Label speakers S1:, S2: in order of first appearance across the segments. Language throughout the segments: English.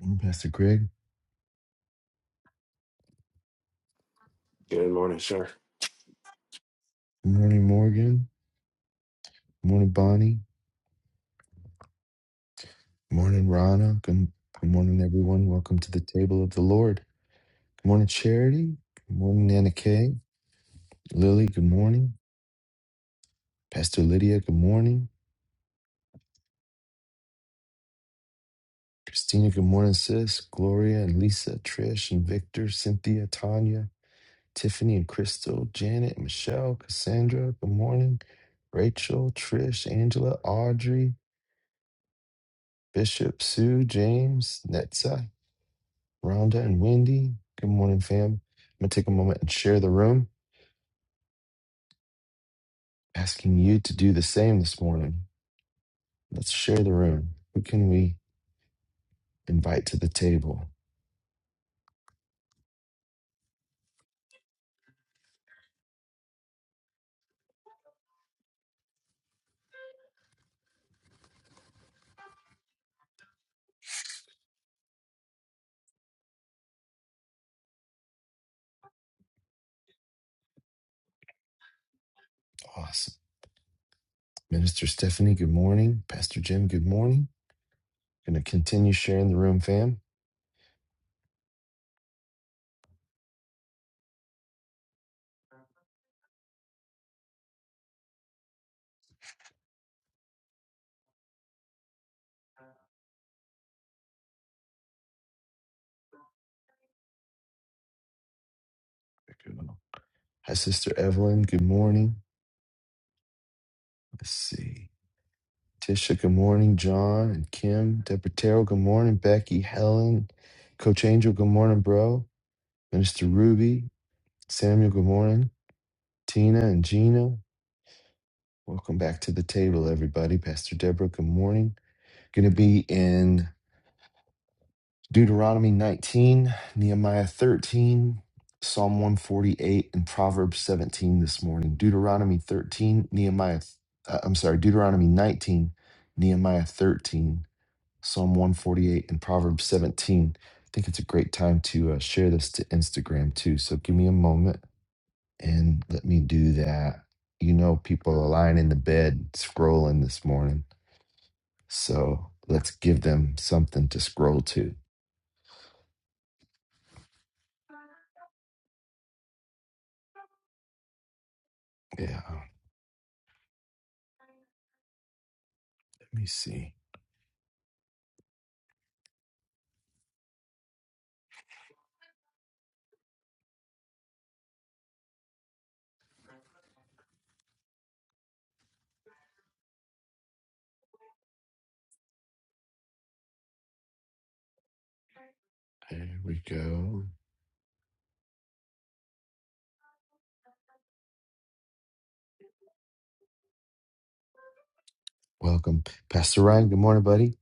S1: Morning, Pastor Greg.
S2: Good morning, sir.
S1: Good morning, Morgan. Good morning, Bonnie. Good morning, Rana. Good, good morning, everyone. Welcome to the table of the Lord. Good morning, Charity. Good morning, Nana Kay. Lily, good morning. Pastor Lydia, good morning. Christina, good morning, sis. Gloria and Lisa, Trish and Victor, Cynthia, Tanya, Tiffany and Crystal, Janet, Michelle, Cassandra, good morning. Rachel, Trish, Angela, Audrey, Bishop, Sue, James, Netza, Rhonda and Wendy, good morning, fam. I'm going to take a moment and share the room, asking you to do the same this morning. Let's share the room. Who can we invite to the table? Awesome. Minister Stephanie, good morning. Pastor Jim, good morning. Going to continue sharing the room, fam. Good one. Hi, Sister Evelyn, good morning. Let's see. Tisha, good morning. John and Kim, Deborah Terrell, good morning. Becky, Helen, Coach Angel, good morning, bro. Minister Ruby, Samuel, good morning. Tina and Gina, welcome back to the table, everybody. Pastor Deborah, good morning. Going to be in Deuteronomy 19, Nehemiah 13, Psalm 148, and Proverbs 17 this morning. Deuteronomy 13, Nehemiah, uh, I'm sorry, Deuteronomy 19, Nehemiah 13, Psalm 148, and Proverbs 17. I think it's a great time to uh, share this to Instagram too. So give me a moment. And let me do that. You know, people are lying in the bed scrolling this morning. So let's give them something to scroll to. Yeah. Let me see. There we go. Welcome, Pastor Ryan. Good morning, buddy.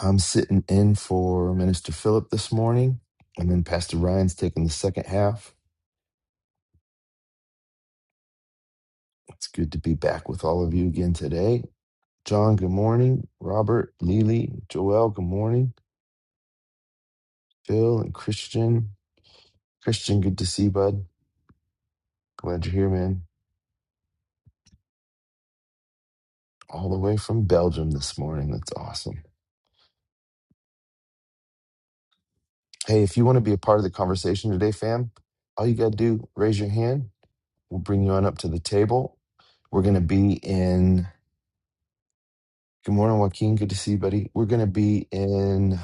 S1: I'm sitting in for Minister Philip this morning, and then Pastor Ryan's taking the second half. It's good to be back with all of you again today. John, good morning. Robert, Lily, Joel, good morning. Phil and Christian. Christian, good to see you, bud. Glad you're here, man. All the way from Belgium this morning. That's awesome. Hey, if you want to be a part of the conversation today, fam, all you got to do, raise your hand. We'll bring you on up to the table. We're going to be in, good morning, Joaquin. Good to see you, buddy. We're going to be in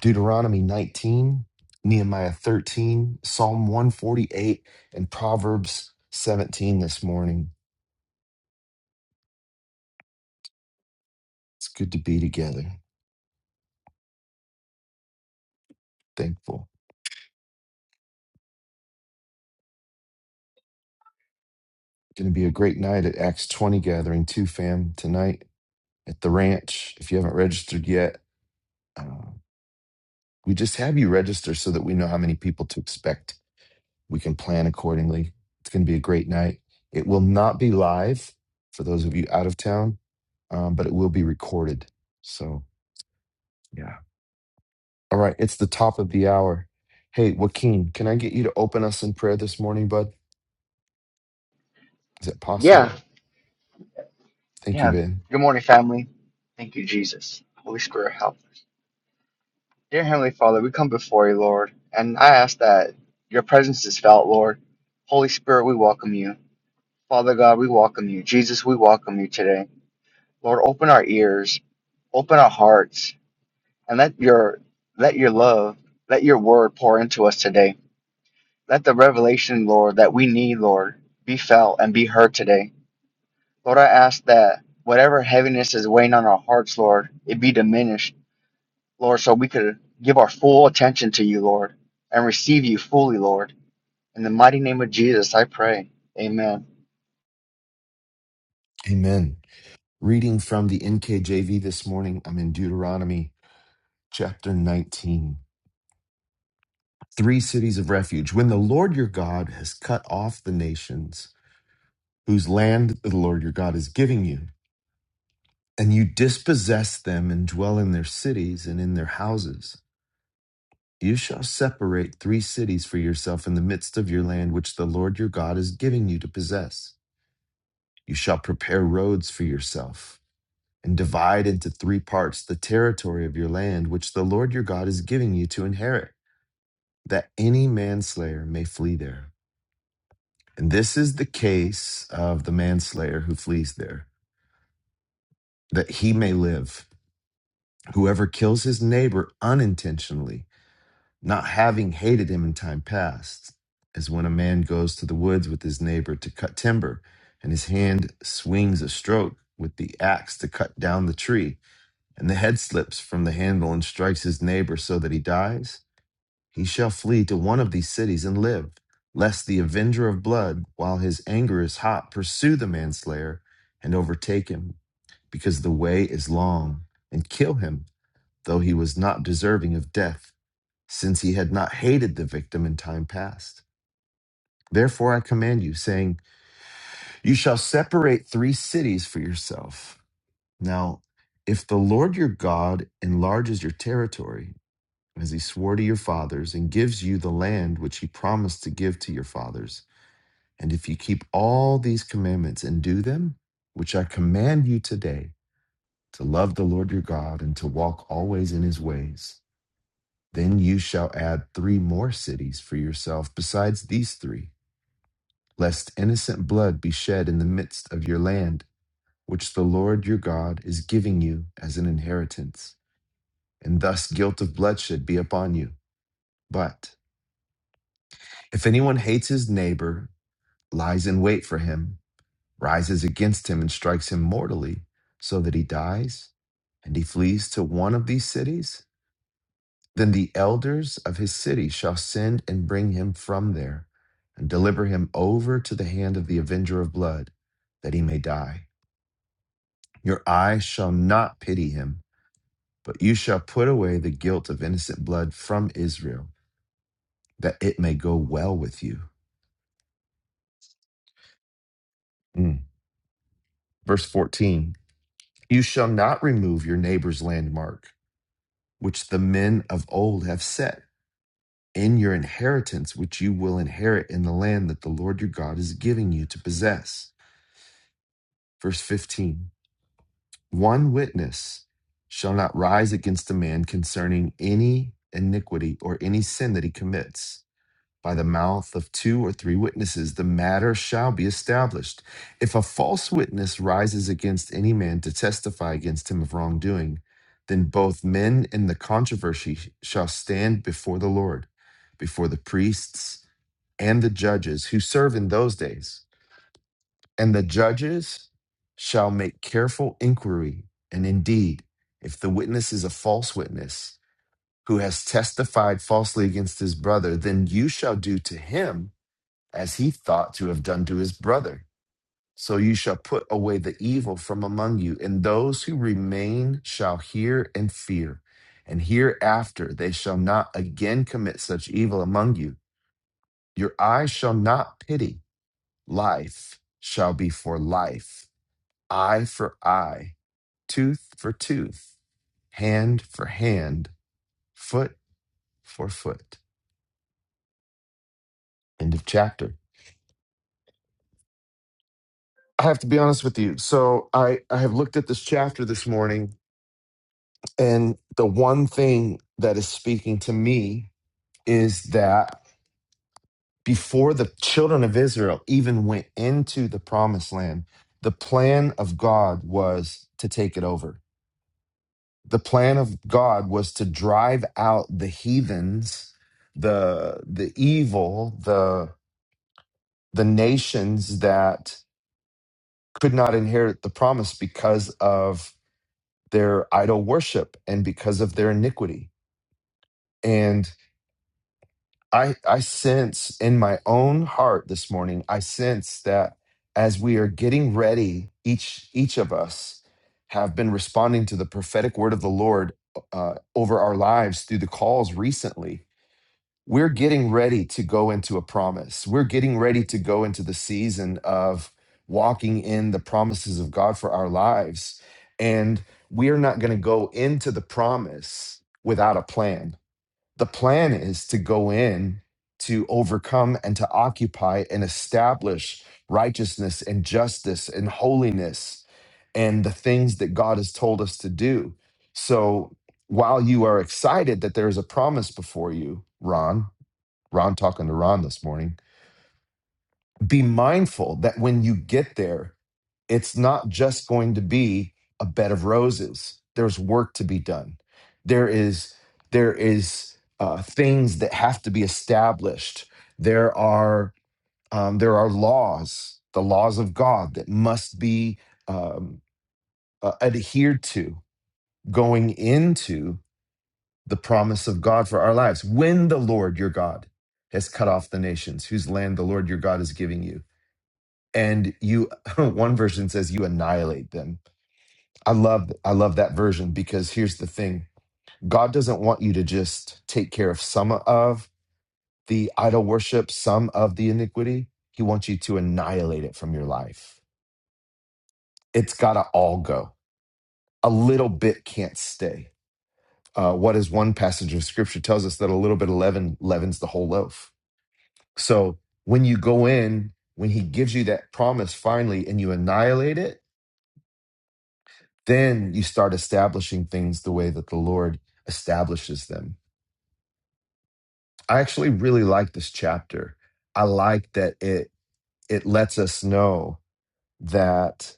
S1: Deuteronomy 19, Nehemiah 13, Psalm 148, and Proverbs 17 this morning. It's good to be together. Thankful. Going to be a great night at Acts 20 gathering, too, fam, tonight. at the ranch. If you haven't registered yet, uh, we just have you register so that we know how many people to expect. We can plan accordingly. It's going to be a great night. It will not be live for those of you out of town, um, but it will be recorded. So, yeah. All right. It's the top of the hour. Hey, Joaquin, can I get you to open us in prayer this morning, bud? Is that
S3: Yeah,
S1: possible? Thank you,
S3: yeah.
S1: Ben.
S3: Good morning, family. Thank you, Jesus. Holy Spirit, help us. Dear Heavenly Father, we come before you, Lord, and I ask that your presence is felt, Lord. Holy Spirit, we welcome you. Father God, we welcome you. Jesus, we welcome you today. Lord, open our ears, open our hearts, and let your let your love, let your word pour into us today. Let the revelation, Lord, that we need, Lord, be felt and be heard today. Lord, I ask that whatever heaviness is weighing on our hearts, Lord, it be diminished, Lord, so we could give our full attention to you, Lord, and receive you fully, Lord. In the mighty name of Jesus, I pray. Amen.
S1: Amen. Reading from the NKJV this morning, I'm in Deuteronomy chapter 19. three cities of refuge. When the Lord your God has cut off the nations whose land the Lord your God is giving you, and you dispossess them and dwell in their cities and in their houses, you shall separate three cities for yourself in the midst of your land, which the Lord your God is giving you to possess. You shall prepare roads for yourself and divide into three parts the territory of your land, which the Lord your God is giving you to inherit, that any manslayer may flee there. And this is the case of the manslayer who flees there, that he may live. Whoever kills his neighbor unintentionally, not having hated him in time past, as when a man goes to the woods with his neighbor to cut timber, and his hand swings a stroke with the axe to cut down the tree, and the head slips from the handle and strikes his neighbor so that he dies. He shall flee to one of these cities and live, lest the avenger of blood, while his anger is hot, pursue the manslayer and overtake him, because the way is long, and kill him, though he was not deserving of death, since he had not hated the victim in time past. Therefore I command you, saying, You shall separate three cities for yourself. Now, if the Lord your God enlarges your territory, as he swore to your fathers, and gives you the land which he promised to give to your fathers. And if you keep all these commandments and do them, which I command you today, to love the Lord your God and to walk always in his ways, then you shall add three more cities for yourself besides these three, lest innocent blood be shed in the midst of your land, which the Lord your God is giving you as an inheritance, and thus guilt of bloodshed be upon you. But If anyone hates his neighbor, lies in wait for him, rises against him, and strikes him mortally, so that he dies, and he flees to one of these cities, then the elders of his city shall send and bring him from there, and deliver him over to the hand of the avenger of blood, that he may die. Your eyes shall not pity him, but you shall put away the guilt of innocent blood from Israel, that it may go well with you. Mm. Verse 14. You shall not remove your neighbor's landmark, which the men of old have set, in your inheritance, which you will inherit in the land that the Lord your God is giving you to possess. Verse fifteen: One witness shall not rise against a man concerning any iniquity or any sin that he commits By the mouth of two or three witnesses, the matter shall be established. If a false witness rises against any man to testify against him of wrongdoing, then both men in the controversy shall stand before the Lord, before the priests and the judges who serve in those days. And the judges shall make careful inquiry. And indeed, if the witness is a false witness who has testified falsely against his brother, then you shall do to him as he thought to have done to his brother. So you shall put away the evil from among you, and those who remain shall hear and fear. And hereafter they shall not again commit such evil among you. Your eyes shall not pity. Life shall be for life, eye for eye, tooth for tooth, hand for hand, foot for foot. End of chapter. I have to be honest with you. So I, I have looked at this chapter this morning And the one thing that is speaking to me is that before the children of Israel even went into the promised land, the plan of God was to take it over. The plan of God was to drive out the heathens, the the evil, the the nations that could not inherit the promise because of their idol worship and because of their iniquity. and. I I sense in my own heart this morning, I sense that as we are getting ready, each each of us have been responding to the prophetic word of the Lord uh, over our lives through the calls recently. We're getting ready to go into a promise. We're getting ready to go into the season of walking in the promises of God for our lives, and we are not going to go into the promise without a plan the plan is to go in to overcome and to occupy and establish righteousness and justice and holiness and the things that God has told us to do. So while you are excited that there is a promise before you, Ron, Ron talking to Ron this morning, be mindful that when you get there, it's not just going to be a bed of roses there's work to be done there is there is uh, things that have to be established there are um, there are laws the laws of god that must be um, uh, adhered to going into the promise of god for our lives when the lord your god has cut off the nations whose land the lord your god is giving you and you one version says you annihilate them I love I love that version because here's the thing. God doesn't want you to just take care of some of the idol worship, some of the iniquity. He wants you to annihilate it from your life. It's got to all go. A little bit can't stay. Uh, what is one passage of scripture tells us that a little bit of leaven leavens the whole loaf. So when you go in, when he gives you that promise finally and you annihilate it, then you start establishing things the way that the Lord establishes them I actually really like this chapter. I like that it it lets us know that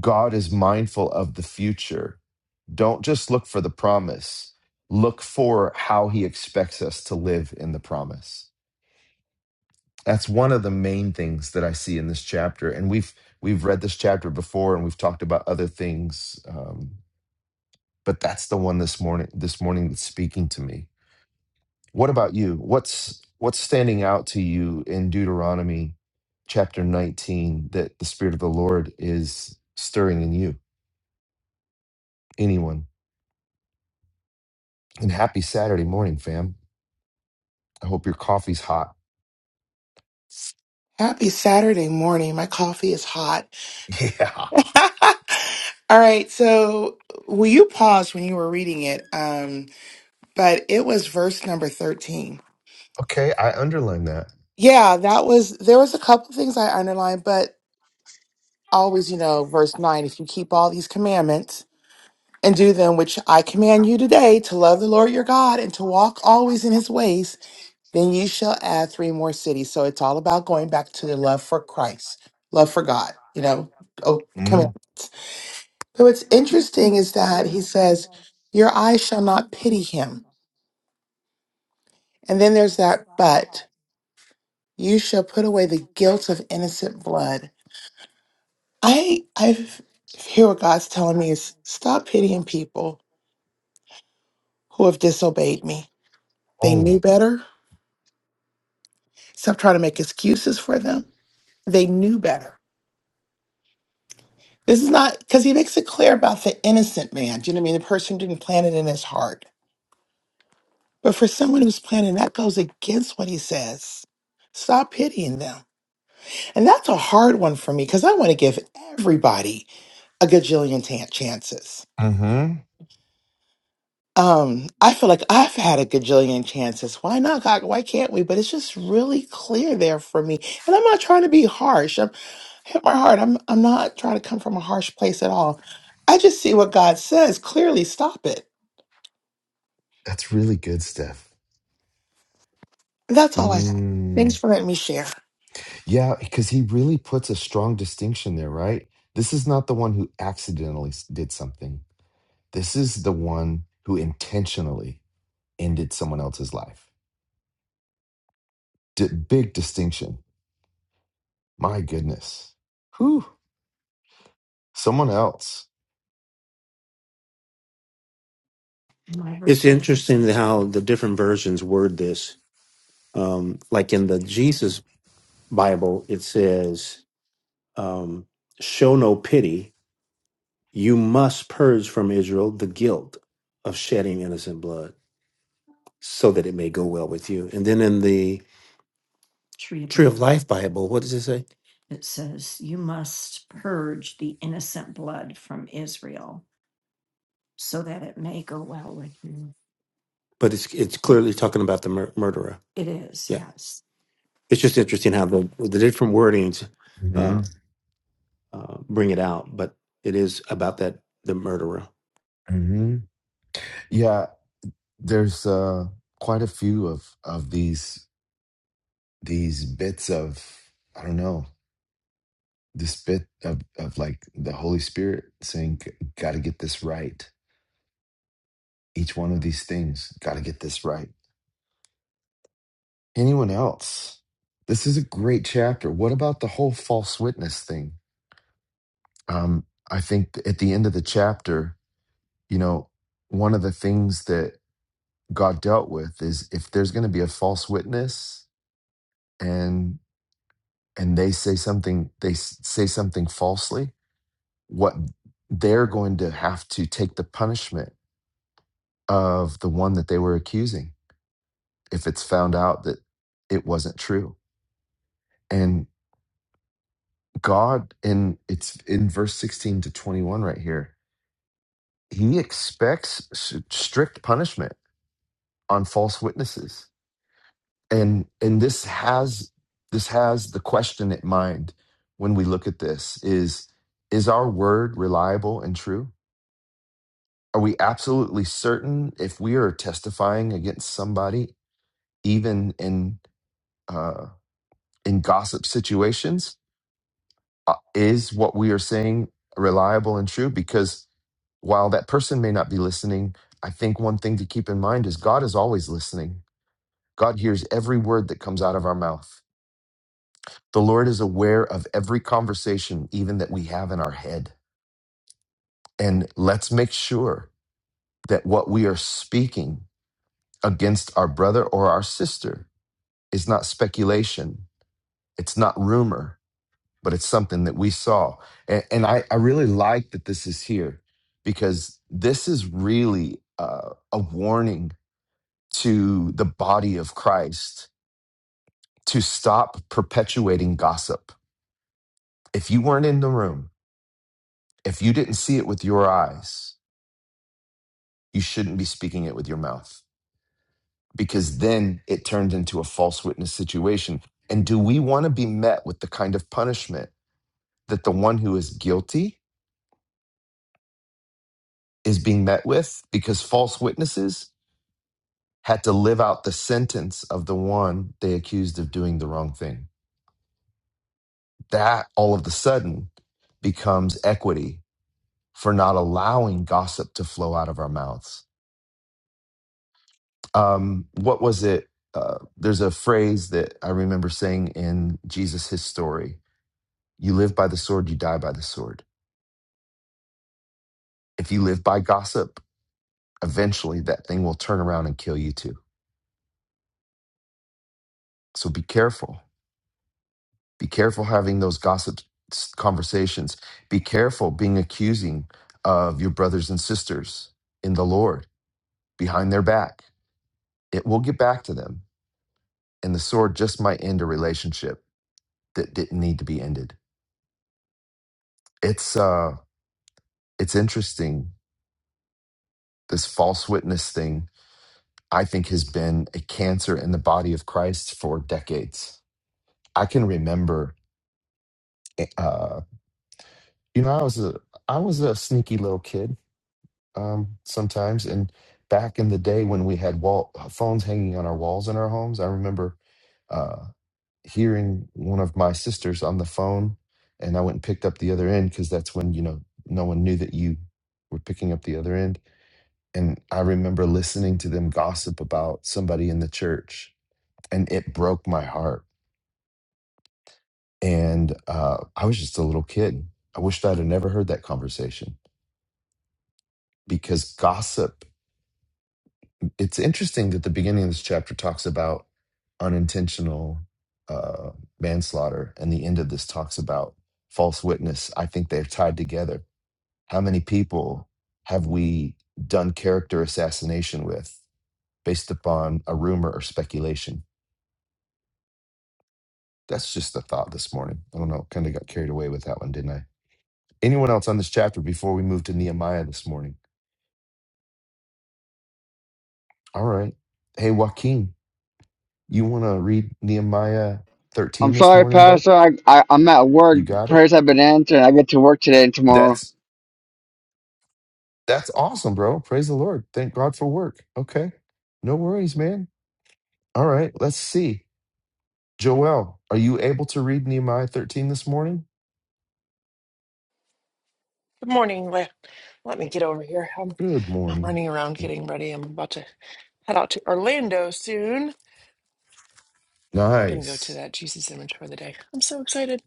S1: God is mindful of the future. Don't just look for the promise. Look for how he expects us to live in the promise. That's one of the main things that I see in this chapter. And we've we've read this chapter before and we've talked about other things. Um, but that's the one this morning this morning that's speaking to me What about you? What's what's standing out to you in Deuteronomy chapter 19 that the spirit of the Lord is stirring in you? Anyone? And happy Saturday morning, fam. I hope your coffee's hot.
S4: Happy Saturday morning. My coffee is hot.
S1: Yeah.
S4: All right, so well, you paused when you were reading it, um, but it was verse number 13.
S1: Okay, I underline that.
S4: Yeah, that was, there was a couple things I underlined, but always, you know, verse 9, if you keep all these commandments and do them, which I command you today, to love the Lord your God and to walk always in his ways, then you shall add three more cities. So it's all about going back to the love for Christ, love for God, you know, oh,
S1: Mm.
S4: commandments. But what's interesting is that he says, Your eyes shall not pity him. And then there's that but you shall put away the guilt of innocent blood. I I hear what God's telling me is stop pitying people who have disobeyed me. They knew
S1: Oh.
S4: better. Stop trying to make excuses for them. They knew better. This is not because he makes it clear about the innocent man. Do you know what I mean? The person didn't plan it in his heart. But for someone who's planning, that goes against what he says. Stop pitying them And that's a hard one for me because I want to give everybody a gajillion tan chances.
S1: Mm-hmm.
S4: Um, I feel like I've had a gajillion chances. Why not, God? Why can't we? But it's just really clear there for me. And I'm not trying to be harsh. I'm hit my heart. I'm I'm not trying to come from a harsh place at all. I just see what God says. Clearly, stop it.
S1: That's really good, Steph.
S4: That's all I have. Thanks
S1: Mm.
S4: for letting me share.
S1: Yeah, because he really puts a strong distinction there, right? This is not the one who accidentally s- did something. This is the one who intentionally. ended someone else's life. D- big distinction. My goodness. Whew. Someone else.
S2: It's interesting how the different versions word this. Um, like in the Jesus Bible, it says, um, "Show no pity. You must purge from Israel the guilt of shedding innocent blood, so that it may go well with you." And then in the Tree of Life Bible, what does it say? But it's it's clearly talking about the mur- murderer. Yeah, it's just interesting how the the different wordings. uh,
S1: hmm
S2: uh, bring it out, but it is about that the murderer.
S1: hmm Yeah, there's uh, quite a few of of these these bits of I don't know this bit of of like the Holy Spirit saying, "Got to get this right." Each one of these things, got to get this right. Anyone else? This is a great chapter. What about the whole false witness thing? Um, I think at the end of the chapter, you know, one of the things that God dealt with is if there's going to be a false witness and and they say something they s- say something falsely, what they're going to have to take the punishment of the one that they were accusing if it's found out that it wasn't true. And God in it's in verse 16 to 21 right here. He expects s- strict punishment on false witnesses and and this has this has the question at mind when we look at this is is our word reliable and true are we absolutely certain if we are testifying against somebody even in uh in gossip situations uh, is what we are saying reliable and true because while that person may not be listening i think one thing to keep in mind is god is always listening god hears every word that comes out of our mouth The Lord is aware of every conversation, even that we have in our head. And let's make sure that what we are speaking against our brother or our sister is not speculation, it's not rumor, but it's something that we saw. And, and I, I really like that this is here because this is really uh, a warning to the body of Christ to stop perpetuating gossip. If you weren't in the room, if you didn't see it with your eyes, you shouldn't be speaking it with your mouth because then it turns into a false witness situation. And do we want to be met with the kind of punishment that the one who is guilty is being met with because false witnesses had to live out the sentence of the one they accused of doing the wrong thing? That all of a sudden becomes equity for not allowing gossip to flow out of our mouths. Um, what was it? Uh, there's a phrase that I remember saying in Jesus' His Story You live by the sword, you die by the sword. If you live by gossip, eventually that thing will turn around and kill you too. So be careful. Be careful having those gossip s- conversations. Be careful being accusing of your brothers and sisters in the Lord behind their back. It will get back to them, and the sword just might end a relationship that didn't need to be ended. It's uh it's interesting this false witness thing I think has been a cancer in the body of Christ for decades I can remember, eh, uh, you know, I was a I was a sneaky little kid um, sometimes, and back in the day when we had wall uh, phones hanging on our walls in our homes, I remember uh, hearing one of my sisters on the phone, and I went and picked up the other end because that's when you know no one knew that you were picking up the other end, and I remember listening to them gossip about somebody in the church, and it broke my heart And uh, I was just a little kid. I wished I'd have never heard that conversation because gossip, it's interesting that the beginning of this chapter talks about unintentional uh, manslaughter and the end of this talks about false witness. I think they're tied together. How many people have we done character assassination with based upon a rumor or speculation? That's just a thought this morning. I don't know. Kind of got carried away with that one, didn't I? Anyone else on this chapter before we move to Nehemiah this morning? All right. Hey, Joaquin, you want to read Nehemiah
S3: I'm
S1: 13 this
S3: sorry,
S1: morning, bud?
S3: Pastor. I, I I'm at work.
S1: You got it.
S3: Prayers have been answered. I get to work today and tomorrow.
S1: That's that's awesome, bro. Praise the Lord. Thank God for work. Okay. No worries, man. All right. Let's see. Joel, are you able to read Nehemiah 13 this morning?
S5: Good morning. Le- Let me get over here. I'm
S1: Good
S5: I'm
S1: morning.
S5: running around getting ready. I'm about to head out to Orlando soon. Gonna go to
S1: Nice.
S5: that Jesus image for the day. I'm so excited.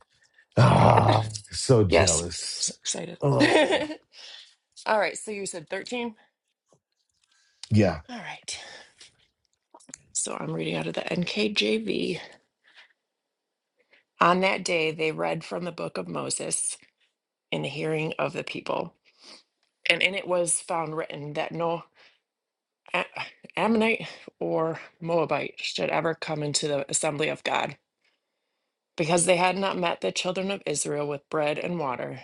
S5: Ah,
S1: Ah, so
S5: yes, I'm so
S1: jealous.
S5: excited.
S1: Oh,
S5: All right, so you said 13?
S1: Yeah.
S5: All right. So I'm reading out of the NKJV. On that day they read from the book of Moses in the hearing of the people. And in it was found written that no A- Ammonite or Moabite should ever come into the assembly of God because they had not met the children of Israel with bread and water,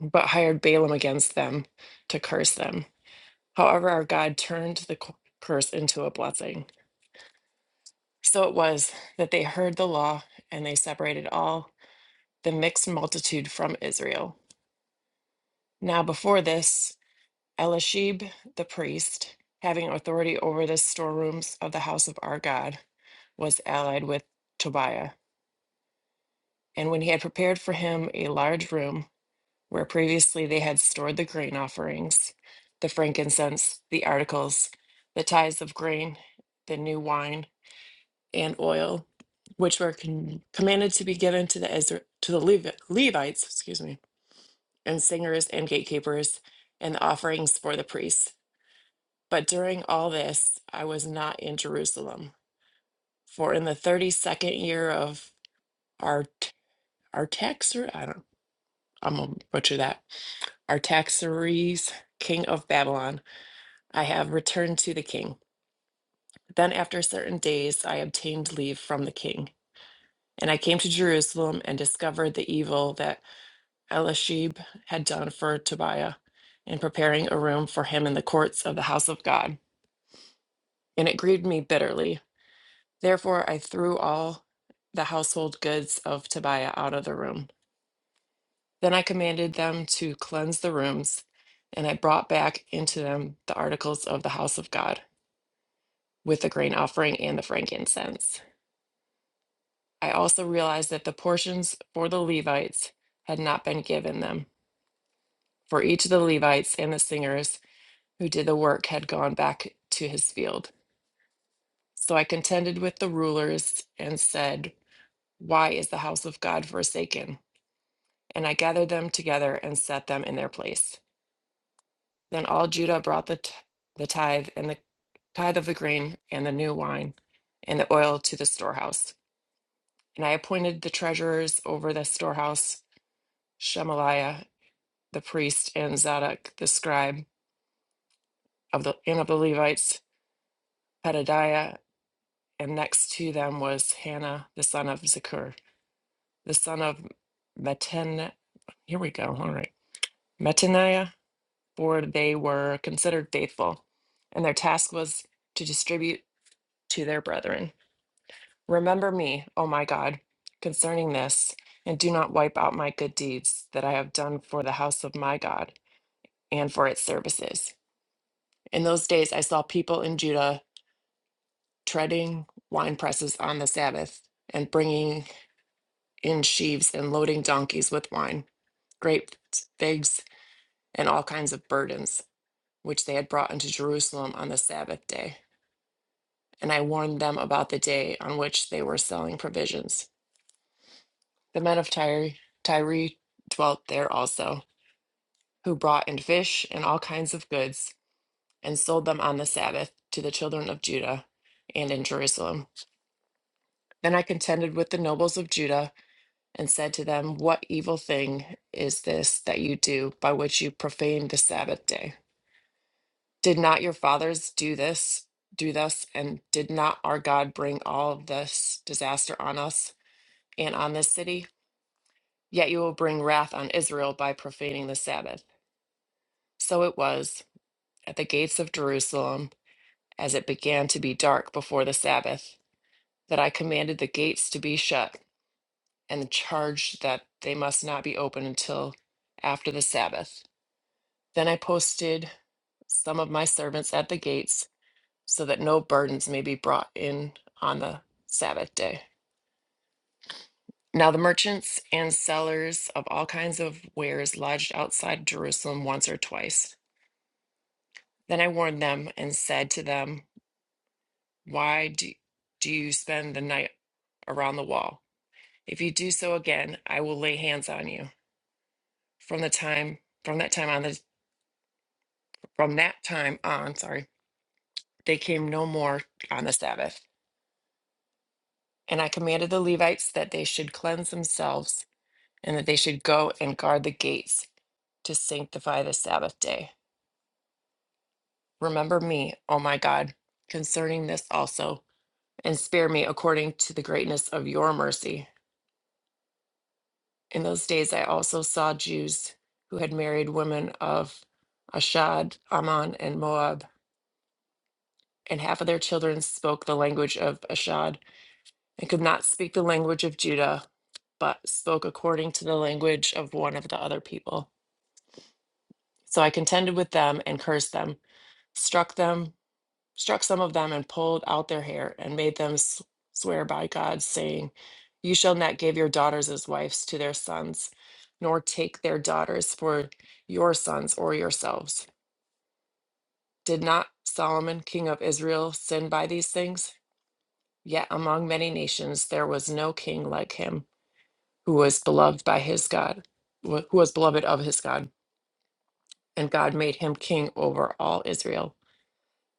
S5: but hired Balaam against them to curse them. However, our God turned the cu- curse into a blessing. So it was that they heard the law and they separated all the mixed multitude from Israel. Now, before this, Elishib the priest, having authority over the storerooms of the house of our God, was allied with Tobiah. And when he had prepared for him a large room, where previously they had stored the grain offerings, the frankincense, the articles, the tithes of grain, the new wine, and oil, which were con- commanded to be given to the Ezra- to the Levi- Levites, excuse me, and singers and gatekeepers, and the offerings for the priests. But during all this, I was not in Jerusalem, for in the thirty-second year of our our tax, I don't, I'm gonna butcher that, Artaxerxes, king of Babylon I have returned to the king. Then, after certain days, I obtained leave from the king. And I came to Jerusalem and discovered the evil that Elishib had done for Tobiah in preparing a room for him in the courts of the house of God. And it grieved me bitterly. Therefore, I threw all the household goods of Tobiah out of the room. Then I commanded them to cleanse the rooms, and I brought back into them the articles of the house of God with the grain offering and the frankincense. I also realized that the portions for the Levites had not been given them, for each of the Levites and the singers who did the work had gone back to his field. So I contended with the rulers and said, Why is the house of God forsaken? And I gathered them together and set them in their place. Then all Judah brought the, t- the tithe and the tithe of the grain and the new wine and the oil to the storehouse. And I appointed the treasurers over the storehouse, Shemaliah the priest and Zadok the scribe of the and of the Levites, Pedadiah, and next to them was Hannah the son of Zakur, the son of Meten. Here we go. All right, Metaniah, for they were considered faithful, and their task was to distribute to their brethren. Remember me, O my God, concerning this, and do not wipe out my good deeds that I have done for the house of my God and for its services. In those days, I saw people in Judah treading wine presses on the Sabbath, and bringing in sheaves and loading donkeys with wine, grapes, figs, and all kinds of burdens, which they had brought into Jerusalem on the Sabbath day. And I warned them about the day on which they were selling provisions. The men of Tyre, Tyre dwelt there also, who brought in fish and all kinds of goods, and sold them on the Sabbath to the children of Judah and in Jerusalem. Then I contended with the nobles of Judah and said to them, What evil thing is this that you do by which you profane the Sabbath day? Did not your fathers do this, do thus, and did not our God bring all of this disaster on us and on this city? Yet you will bring wrath on Israel by profaning the Sabbath. So it was at the gates of Jerusalem, as it began to be dark before the Sabbath, that I commanded the gates to be shut and charged that they must not be opened until after the Sabbath. Then I posted some of my servants at the gates so that no burdens may be brought in on the Sabbath day. Now, the merchants and sellers of all kinds of wares lodged outside Jerusalem once or twice. Then I warned them and said to them, Why do, do you spend the night around the wall? If you do so again, I will lay hands on you. From the time from that time on the from that time on, sorry, they came no more on the Sabbath. And I commanded the Levites that they should cleanse themselves and that they should go and guard the gates to sanctify the Sabbath day. Remember me, O my God, concerning this also, and spare me according to the greatness of your mercy. In those days I also saw Jews who had married women of Ashad, Ammon, and Moab, and half of their children spoke the language of Ashad and could not speak the language of Judah, but spoke according to the language of one of the other people. So I contended with them and cursed them, struck them, struck some of them, and pulled out their hair, and made them s- swear by God, saying, You shall not give your daughters as wives to their sons, nor take their daughters for your sons or yourselves. Did not Solomon, king of Israel, sin by these things? Yet among many nations there was no king like him who was beloved by his God, wh- who was beloved of his God, and God made him king over all Israel.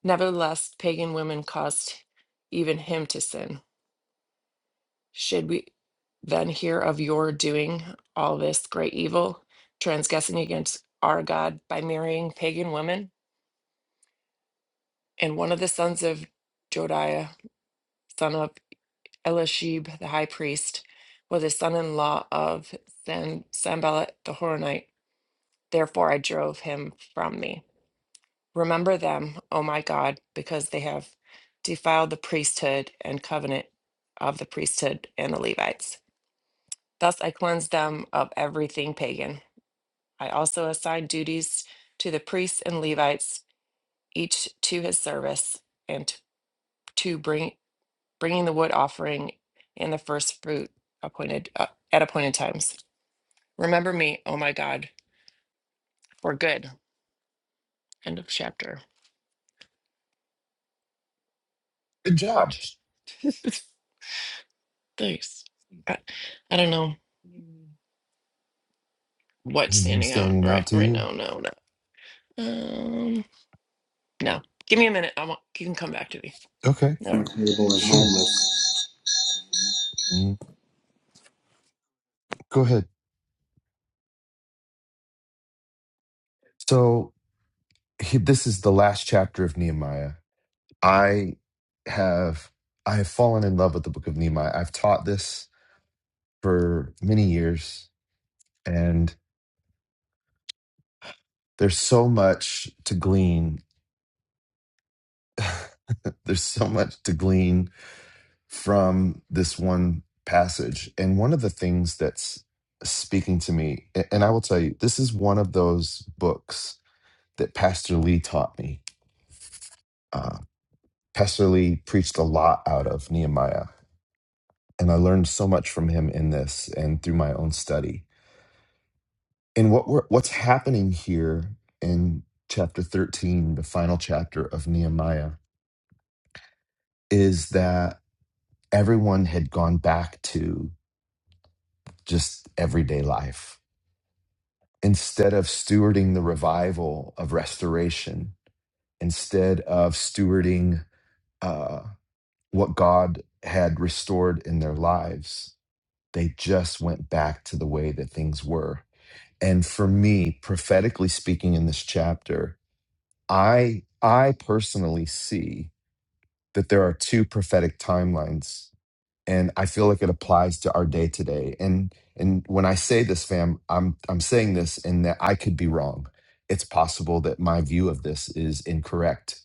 S5: Nevertheless, pagan women caused even him to sin. Should we then hear of your doing all this great evil, transgressing against our God by marrying pagan women? And one of the sons of Jodiah, son of Elishib, the high priest, was a son in law of Sam- Sanballat the Horonite. Therefore, I drove him from me. Remember them, O my God, because they have defiled the priesthood and covenant of the priesthood and the Levites. Thus I cleansed them of everything pagan. I also assigned duties to the priests and Levites, each to his service, and t- to bring bringing the wood offering and the first fruit appointed uh, at appointed times. Remember me, O my God, for good. End of chapter.
S1: Good job.
S5: Just- Thanks. I, I don't know. what's
S1: Anything
S5: standing out
S1: standing
S5: right
S1: out to
S5: right
S1: you?
S5: now. No, no. Um, no. Give me a minute. I want you can come back to me.
S1: Okay.
S5: All right.
S1: Sure.
S6: unstable
S1: Mm, Go ahead. So. he- this is the last chapter of Nehemiah. I have I have fallen in love with the book of Nehemiah. I've taught this for many years and there's so much to glean. there's so much to glean from this one passage. And one of the things that's speaking to me a- and I will tell you this is one of those books that Pastor Lee taught me. Uh, Pastor Lee preached a lot out of Nehemiah and I learned so much from him in this and through my own study. And what we're, what's happening here in chapter 13, the final chapter of Nehemiah, is that everyone had gone back to just everyday life. Instead of stewarding the revival of restoration, instead of stewarding uh, what God had restored in their lives, they just went back to the way that things were And for me, prophetically speaking in this chapter, I I personally see that there are two prophetic timelines and I feel like it applies to our day today. And and when I say this fam, I'm I'm saying this in that I could be wrong. It's possible that my view of this is incorrect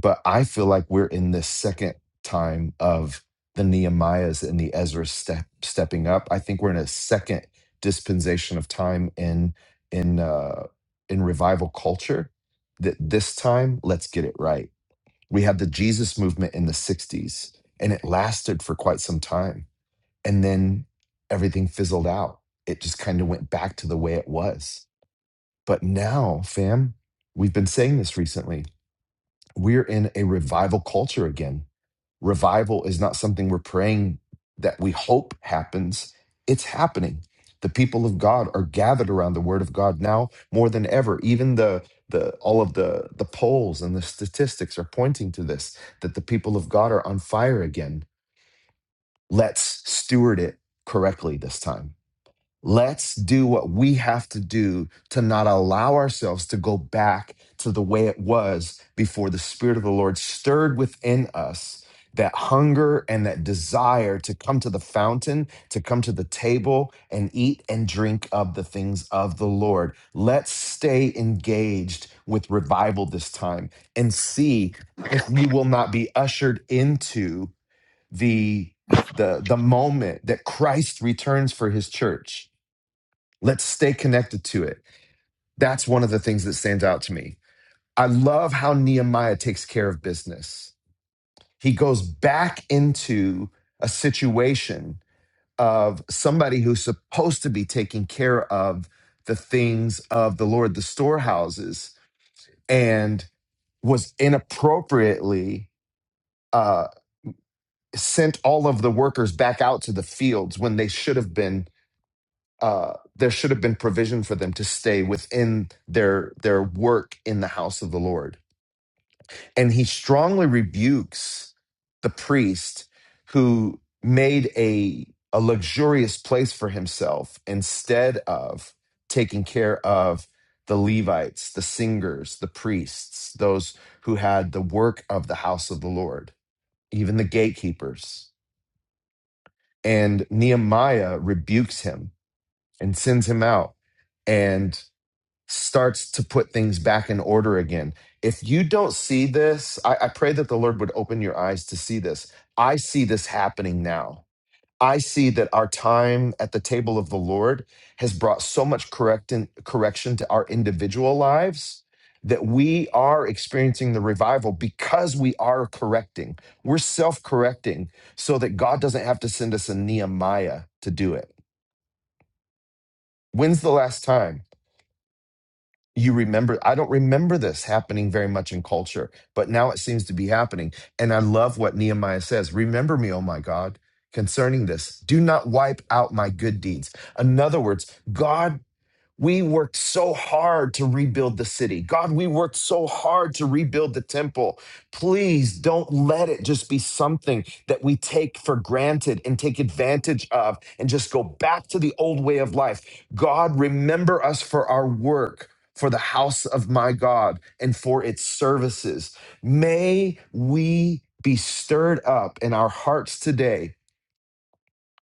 S1: but I feel like we're in this second time of the Nehemiahs and the Ezra step, stepping up. I think we're in a second dispensation of time in in uh, in revival culture. That this time, let's get it right. We had the Jesus movement in the '60s, and it lasted for quite some time, and then everything fizzled out. It just kind of went back to the way it was. But now, fam, we've been saying this recently we're in a revival culture again. Revival is not something we're praying that we hope happens, it's happening. The people of God are gathered around the word of God now more than ever. Even the the all of the the polls and the statistics are pointing to this that the people of God are on fire again. Let's steward it correctly this time. Let's do what we have to do to not allow ourselves to go back to the way it was before the Spirit of the Lord stirred within us that hunger and that desire to come to the fountain, to come to the table and eat and drink of the things of the Lord. Let's stay engaged with revival this time and see if we will not be ushered into the the, the moment that Christ returns for his church Let's stay connected to it. That's one of the things that stands out to me. I love how Nehemiah takes care of business. He goes back into a situation of somebody who's supposed to be taking care of the things of the Lord, the storehouses, and was inappropriately uh, sent all of the workers back out to the fields when they should have been uh, there should have been provision for them to stay within their their work in the house of the Lord. And he strongly rebukes the priest who made a a luxurious place for himself instead of taking care of the Levites, the singers, the priests, those who had the work of the house of the Lord, even the gatekeepers. And Nehemiah rebukes him and sends him out. and. starts to put things back in order again. If you don't see this, I, I pray that the Lord would open your eyes to see this. I see this happening now. I see that our time at the table of the Lord has brought so much correct correction to our individual lives that we are experiencing the revival because we are correcting. We're self correcting so that God doesn't have to send us a Nehemiah to do it. When's the last time? you remember i don't remember this happening very much in culture but now it seems to be happening and i love what nehemiah says remember me oh my god concerning this do not wipe out my good deeds in other words god we worked so hard to rebuild the city. God, we worked so hard to rebuild the temple. Please don't let it just be something that we take for granted and take advantage of and just go back to the old way of life. God, remember us for our work. For the house of my God and for its services. May we be stirred up in our hearts today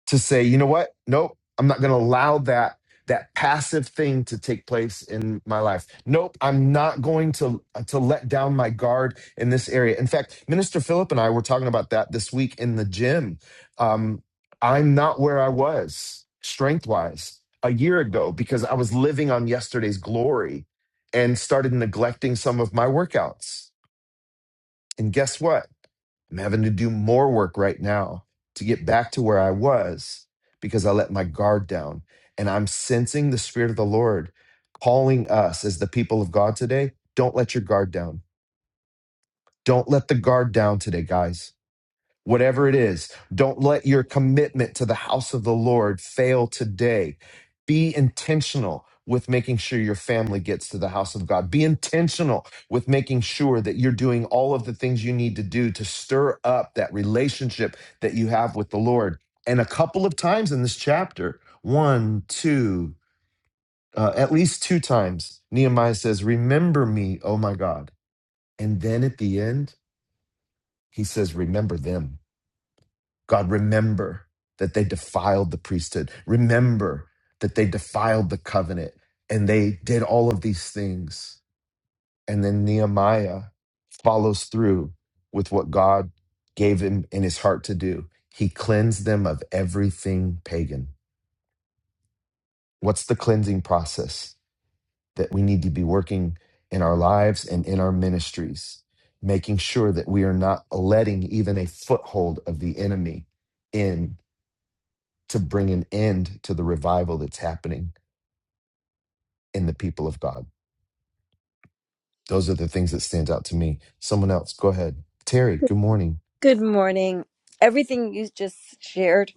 S1: to say, you know what? Nope, I'm not going to allow that that passive thing to take place in my life. Nope, I'm not going to uh, to let down my guard in this area. In fact, Minister Philip and I were talking about that this week in the gym. Um, I'm not where I was strength wise a year ago because I was living on yesterday's glory and started neglecting some of my workouts and guess what? I'm having to do more work right now to get back to where I was because I let my guard down. And I'm sensing the Spirit of the Lord calling us as the people of God today. Don't let your guard down. Don't let the guard down today, guys whatever it is. Don't let your commitment to the house of the Lord fail today. Be intentional with making sure your family gets to the house of God. Be intentional with making sure that you're doing all of the things you need to do to stir up that relationship that you have with the Lord. And a couple of times in this chapter, one, two, uh, at least two times, Nehemiah says, Remember me, oh my God. And then at the end, he says, Remember them God, remember that they defiled the priesthood. Remember that they defiled the covenant and they did all of these things. And then Nehemiah follows through with what God gave him in his heart to do. He cleansed them of everything pagan. What's the cleansing process that we need to be working in our lives and in our ministries, making sure that we are not letting even a foothold of the enemy in? to bring an end to the revival that's happening in the people of God. Those are the things that stand out to me. Someone else, go ahead. Terry, good morning.
S7: Good morning. Everything you just shared,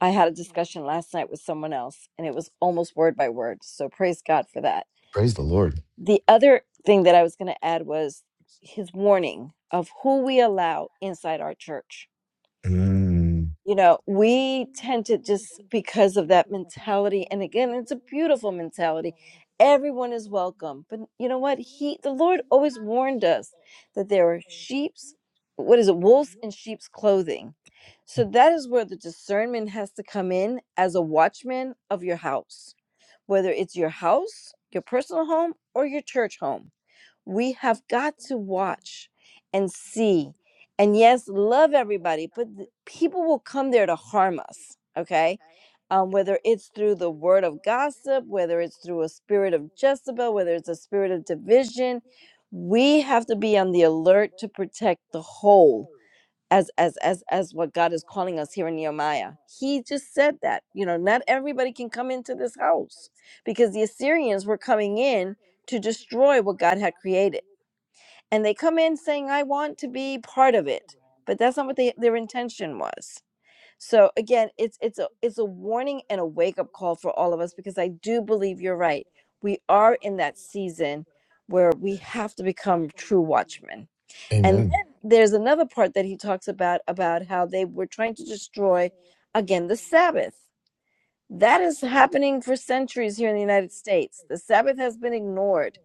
S7: I had a discussion last night with someone else, and it was almost word by word. So praise God for that.
S1: Praise the Lord.
S7: The other thing that I was going to add was his warning of who we allow inside our church
S1: Mm,
S7: you know we tend to just because of that mentality and again it's a beautiful mentality everyone is welcome but you know what he the lord always warned us that there are sheep's what is it wolves in sheep's clothing so that is where the discernment has to come in as a watchman of your house whether it's your house your personal home or your church home we have got to watch and see. And yes, love everybody, but th- people will come there to harm us, okay? Um, whether it's through the word of gossip, whether it's through a spirit of Jezebel, whether it's a spirit of division, we have to be on the alert to protect the whole as as as as what God is calling us here in Nehemiah. He just said that, you know, not everybody can come into this house because the Assyrians were coming in to destroy what God had created and they come in saying i want to be part of it but that's not what they, their intention was so again it's it's a it's a warning and a wake up call for all of us because i do believe you're right we are in that season where we have to become true watchmen and then
S1: amen.
S7: there's another part that he talks about about how they were trying to destroy again the sabbath that is happening for centuries here in the united states the sabbath has been ignored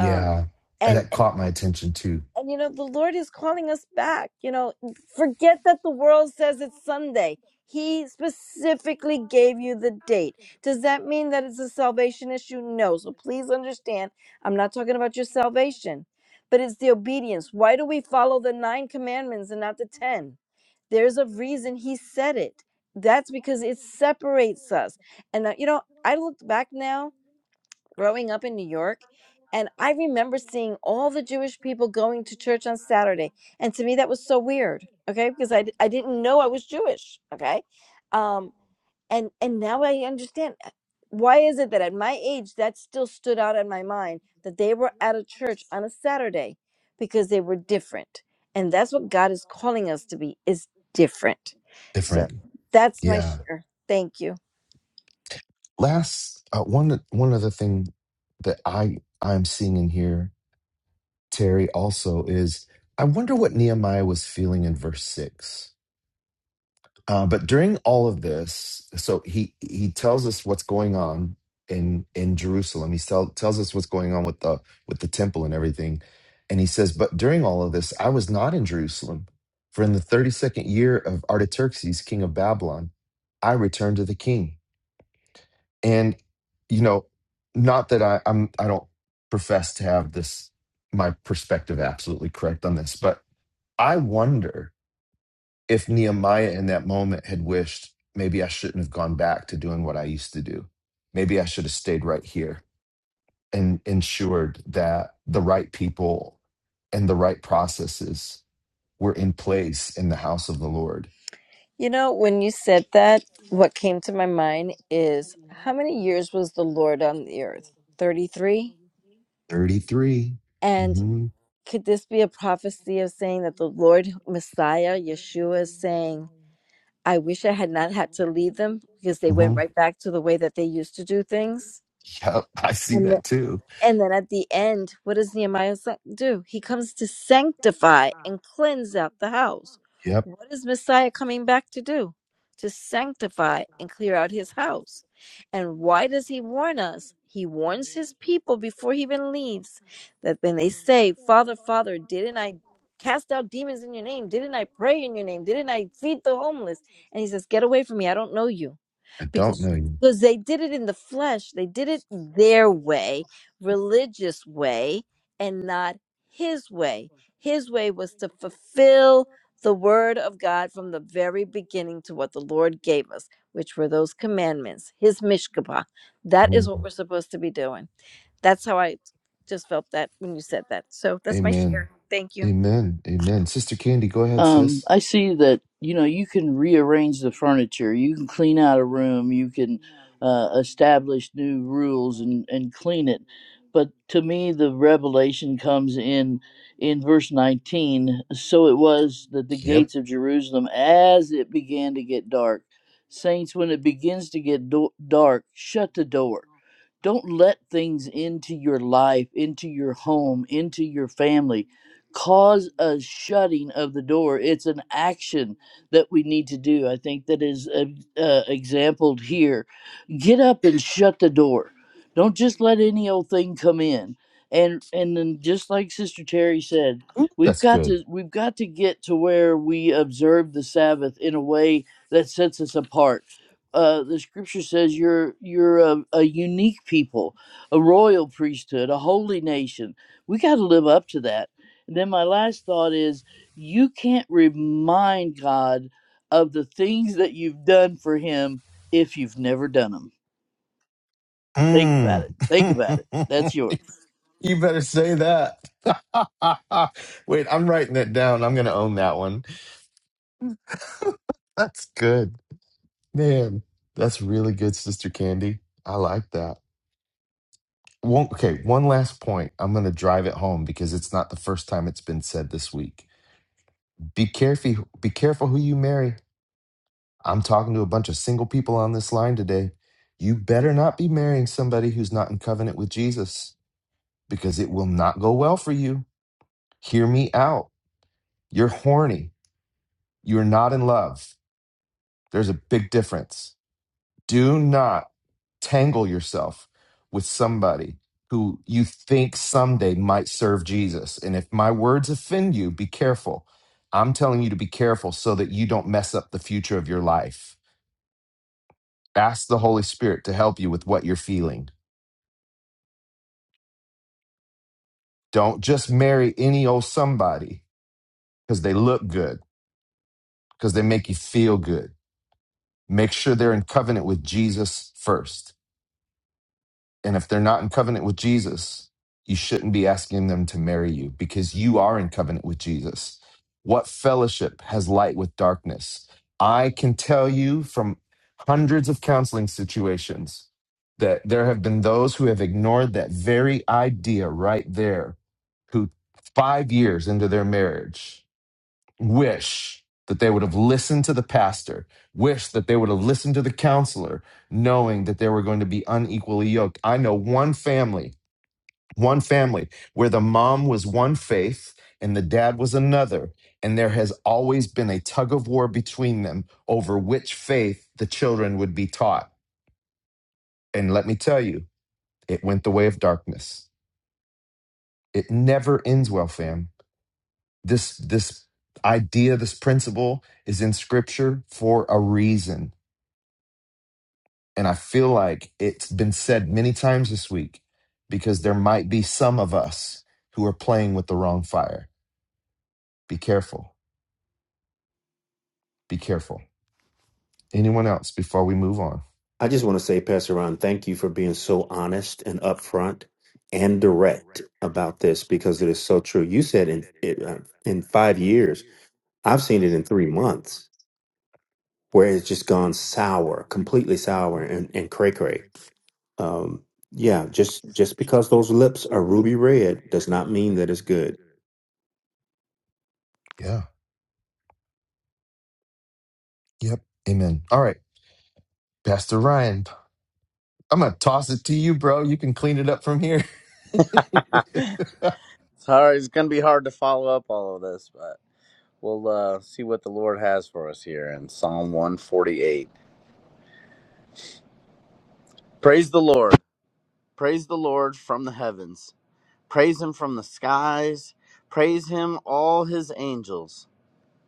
S7: um,
S1: and
S7: and
S1: that
S7: and
S1: caught my attention too.
S7: and you know, the Lord is calling us back. You know, forget that the world says it's Sunday. He specifically gave you the date. Does that mean that it's a salvation issue? No. So please understand, I'm not talking about your salvation, but it's the obedience. Why do we follow the nine commandments and not the 10? There's a reason he said it. That's because it separates us. And, uh, you know, I looked back now growing up in New York. And I remember seeing all the Jewish people going to church on Saturday. And to me, that was so weird. Okay. Because I, d- I didn't know I was Jewish. Okay. Um, and, and now I understand uh, why is it that at my age, that still stood out in my mind that they were at a church on a Saturday because they were different. And that's what God is calling us to be is different. So
S1: Different.
S7: that's my
S1: Yeah.
S7: share. Thank you.
S1: Last uh, one. One other thing that I I'm seeing in here, Terry, also is I wonder what Nehemiah was feeling in verse six Uh, but during all of this, so he he tells us what's going on in in Jerusalem. He tell, tells us what's going on with the with the temple and everything. And he says, but during all of this, I was not in Jerusalem, for in the thirty second year of Artaxerxes, king of Babylon, I returned to the king. And you know, not that I, I'm I don't profess to have this my perspective absolutely correct on this, but I wonder if Nehemiah in that moment had wished, maybe I shouldn't have gone back to doing what I used to do. Maybe I should have stayed right here and ensured that the right people and the right processes were in place in the house of the Lord.
S7: You know, when you said that, what came to my mind is how many years was the Lord on the earth? 33?
S1: 33.
S7: And
S1: hmm
S7: could this be a prophecy of saying that the Lord Messiah, Yeshua, is saying, I wish I had not had to leave them because they
S1: hmm
S7: went right back to the way that they used to do things?
S1: Yep. I see
S7: And
S1: that too.
S7: And then at the end, what does Nehemiah sa- do? He comes to sanctify and cleanse out the house.
S1: Yep.
S7: What is Messiah coming back to do? To sanctify and clear out his house. And why does he warn us? He warns his people before he even leaves that when they say, Father, Father, didn't I cast out demons in your name? Didn't I pray in your name? Didn't I feed the homeless? And he says, Get away from me. I don't know you
S1: I don't
S7: because
S1: know you.
S7: because they did it in the flesh they did it their way religious way and not his way his way was to fulfill the word of god from the very beginning to what the lord gave us which were those commandments his mishkabah that is what
S1: Mhm.
S7: we're supposed to be doing that's how i just felt that when you said that so that's my
S1: Amen.
S7: share thank you
S1: Amen. Amen. Sister Candy, go ahead,
S8: Um,
S1: sis.
S8: I see that you know you can rearrange the furniture, you can clean out a room, you can uh, establish new rules and and clean it. But to me, the revelation comes in in verse 19. So it was that the
S1: Yep.
S8: gates of Jerusalem, as it began to get dark, saints, when it begins to get do- dark, shut the door. Don't let things into your life, into your home, into your family cause a shutting of the door. It's an action that we need to do. I think that is uh, uh, exampled here. Get up and shut the door. Don't just let any old thing come in. And and then just like Sister Terry said, we've
S1: That's
S8: got
S1: good.
S8: to we've got to get to where we observe the Sabbath in a way that sets us apart uh, the scripture says you're you're a, a unique people, a royal priesthood, a holy nation. We got to live up to that. And then my last thought is you can't remind God of the things that you've done for Him if you've never done them. Think about
S1: Mm.
S8: it. Think about it. That's yours.
S1: you better say that. Wait, I'm writing it down. I'm going to own that one. That's good. Man, that's really good, Sister Candy. I like that. One, okay, one last point. I'm going to drive it home because it's not the first time it's been said this week. Be careful be careful who you marry. I'm talking to a bunch of single people on this line today. You better not be marrying somebody who's not in covenant with Jesus because it will not go well for you. Hear me out You're horny. You're not in love. There's a big difference. Do not tangle yourself with somebody who you think someday might serve Jesus. And if my words offend you, be careful. I'm telling you to be careful so that you don't mess up the future of your life. Ask the Holy Spirit to help you with what you're feeling. Don't just marry any old somebody because they look good, because they make you feel good. Make sure they're in covenant with Jesus first And if they're not in covenant with Jesus, you shouldn't be asking them to marry you because you are in covenant with Jesus. What fellowship has light with darkness? I can tell you from hundreds of counseling situations that there have been those who have ignored that very idea right there, who five years into their marriage wish that they would have listened to the pastor, wish that they would have listened to the counselor, knowing that they were going to be unequally yoked. I know one family, one family where the mom was one faith and the dad was another. And there has always been a tug of war between them over which faith the children would be taught. And let me tell you, it went the way of darkness. It never ends well, fam This this idea, this principle is in scripture for a reason. And I feel like it's been said many times this week because there might be some of us who are playing with the wrong fire. Be careful. Be careful. Anyone else before we move on?
S2: I just want to say, Pastor Ron, thank you for being so honest and upfront and direct about this because it is so true. You said in it, uh, in five years, I've seen it in three months where it's just gone sour, completely sour and, and cray cray. Um, yeah, just just because those lips are ruby red does not mean that it's good.
S1: Yeah. Yep. Amen. All right. Pastor Ryan, I'm going to toss it to you, bro. You can clean it up from here.
S9: Sorry, it's gonna be hard to follow up all of this, but we'll uh, see what the Lord has for us here in Psalm 148. Praise the Lord. Praise the Lord from the heavens. Praise him from the skies. Praise him, all his angels.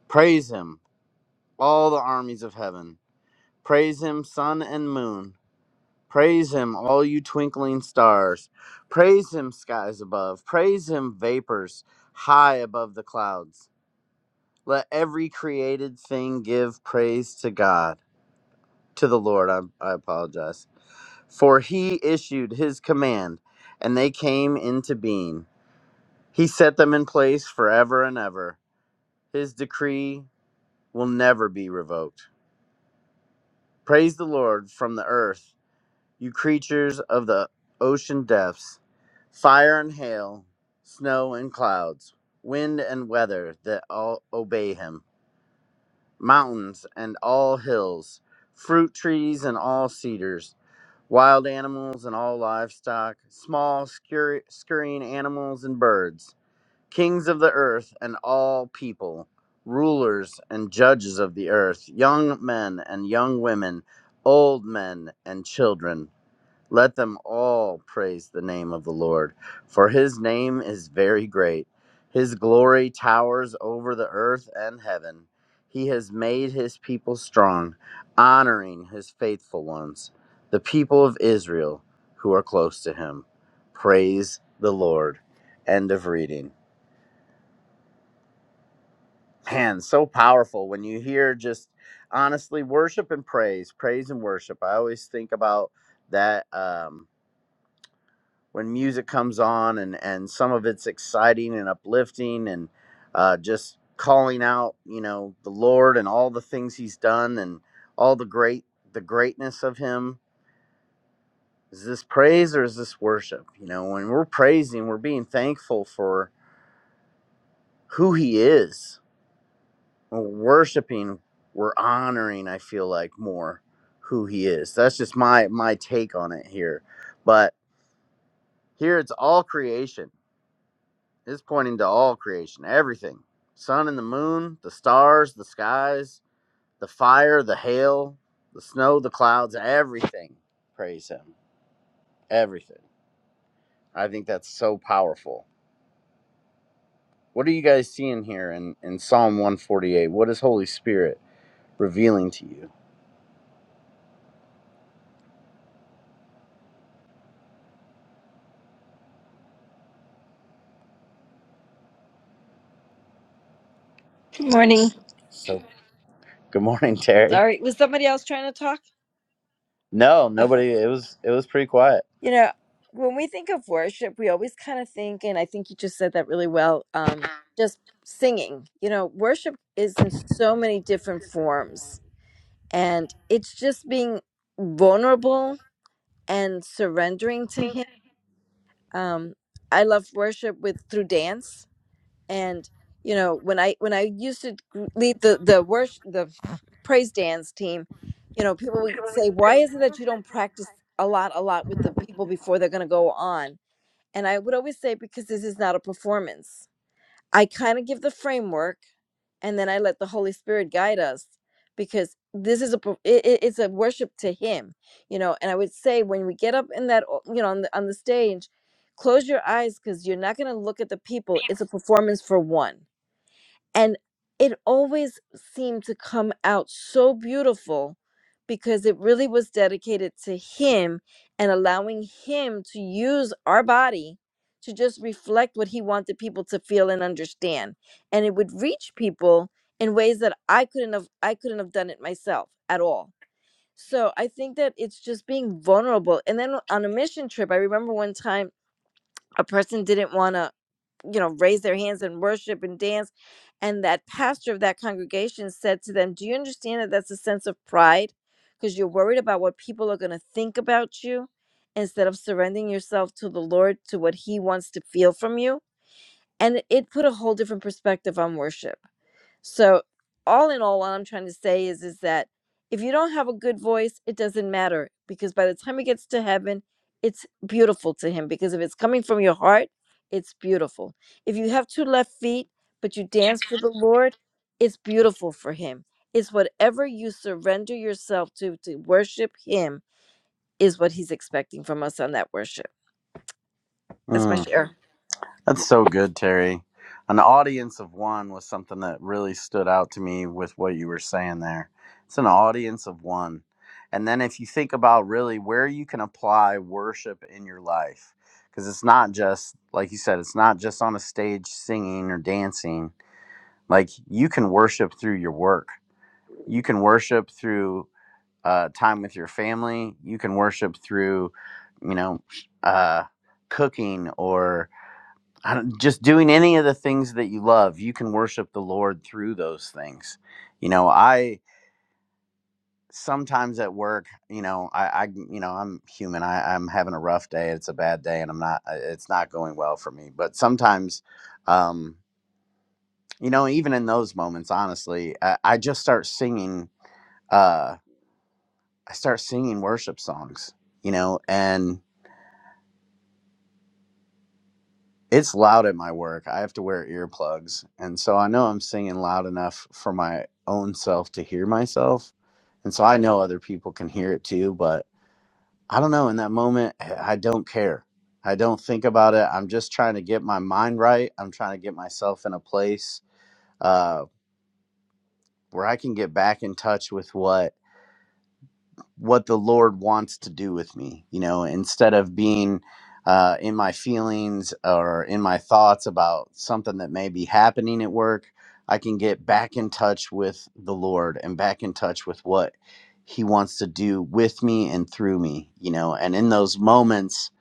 S9: Praise him, all the armies of heaven. Praise him, sun and moon. Praise him, all you twinkling stars. Praise him, skies above. Praise him, vapors high above the clouds. Let every created thing give praise to God, to the Lord. I, I apologize. For he issued his command, and they came into being. He set them in place forever and ever. His decree will never be revoked. Praise the Lord from the earth, you creatures of the ocean depths, fire and hail, snow and clouds, wind and weather that all obey him. mountains and all hills, fruit trees and all cedars, wild animals and all livestock, small scurry, scurrying animals and birds, kings of the earth and all people, rulers and judges of the earth, young men and young women, old men and children. Let them all praise the name of the Lord, for his name is very great. His glory towers over the earth and heaven. He has made his people strong, honoring his faithful ones, the people of Israel who are close to him. Praise the Lord. End of reading. Man, so powerful when you hear just honestly worship and praise, praise and worship. I always think about that. Um, when music comes on and and some of it's exciting and uplifting and uh, just calling out you know the lord and all the things he's done and all the great the greatness of him is this praise or is this worship you know when we're praising we're being thankful for who he is when we're worshiping we're honoring i feel like more who he is that's just my my take on it here but here it's all creation Is pointing to all creation, everything. Sun and the moon, the stars, the skies, the fire, the hail, the snow, the clouds, everything. Praise him. Everything. I think that's so powerful. What are you guys seeing here in, in Psalm 148? What is Holy Spirit revealing to you?
S7: Good morning.
S9: So good morning, Terry.
S7: sorry was somebody else trying to talk
S9: No,
S7: okay
S9: nobody it was it was pretty quiet.
S7: You know, when we think of worship, we always kind of think, and I think you just said that really well, um, just singing. You know, worship is in so many different forms, and it's just being vulnerable and surrendering to Him. Um, I love worship with through dance, and you know, when I when I used to gr- lead the the worship the praise dance team, you know, people would say, "Why is it that you don't practice a lot, a lot with the people before they're going to go on?" And I would always say, because this is not a performance, I kind of give the framework and then I let the Holy Spirit guide us because this is a per- it, it- it's a worship to Him, you know. And I would say when we get up in that o- you know on the on the stage, close your eyes because you're not going to look at the people. It's a performance for one and it always seemed to come out so beautiful because it really was dedicated to him and allowing him to use our body to just reflect what he wanted people to feel and understand and it would reach people in ways that I couldn't have I couldn't have done it myself at all so I think that it's just being vulnerable and then on a mission trip I remember one time a person didn't want to you know raise their hands and worship and dance and that pastor of that congregation said to them do you understand that that's a sense of pride because you're worried about what people are going to think about you instead of surrendering yourself to the lord to what he wants to feel from you and it put a whole different perspective on worship so all in all, what I'm trying to say is is that if you don't have a good voice, it doesn't matter because by the time it gets to heaven, it's beautiful to him because if it's coming from your heart, it's beautiful. If you have two left feet but you dance for the Lord, it's beautiful for him. It's whatever you surrender yourself to to worship him is what he's expecting from us on that worship. That's my
S9: Mm.
S7: share.
S9: That's so good, Terry. An audience of one was something that really stood out to me with what you were saying there. It's an audience of one. And then if you think about really where you can apply worship in your life, because it's not just, like you said, it's not just on a stage singing or dancing. Like you can worship through your work, you can worship through uh, time with your family, you can worship through, you know, uh, cooking or I don't, just doing any of the things that you love, you can worship the Lord through those things. You know, I sometimes at work, you know, I, I you know, I'm human. I, I'm having a rough day. It's a bad day, and I'm not. uh, It's not going well for me. But sometimes, um, you know, even in those moments, honestly, I, I just start singing. Uh, I start singing worship songs. You know, and. it's loud at my work. I have to wear earplugs. And so I know I'm singing loud enough for my own self to hear myself. And so I know other people can hear it too, but I don't know. In that moment, I don't care. I don't think about it. I'm just trying to get my mind right. I'm trying to get myself in a place uh, where I can get back in touch with what what the Lord wants to do with me. You know, instead of being uh, in my feelings or in my thoughts about something that may be happening at work, I can get back in touch with the Lord and back in touch with what He wants to do with me and through me. You know, and in those moments,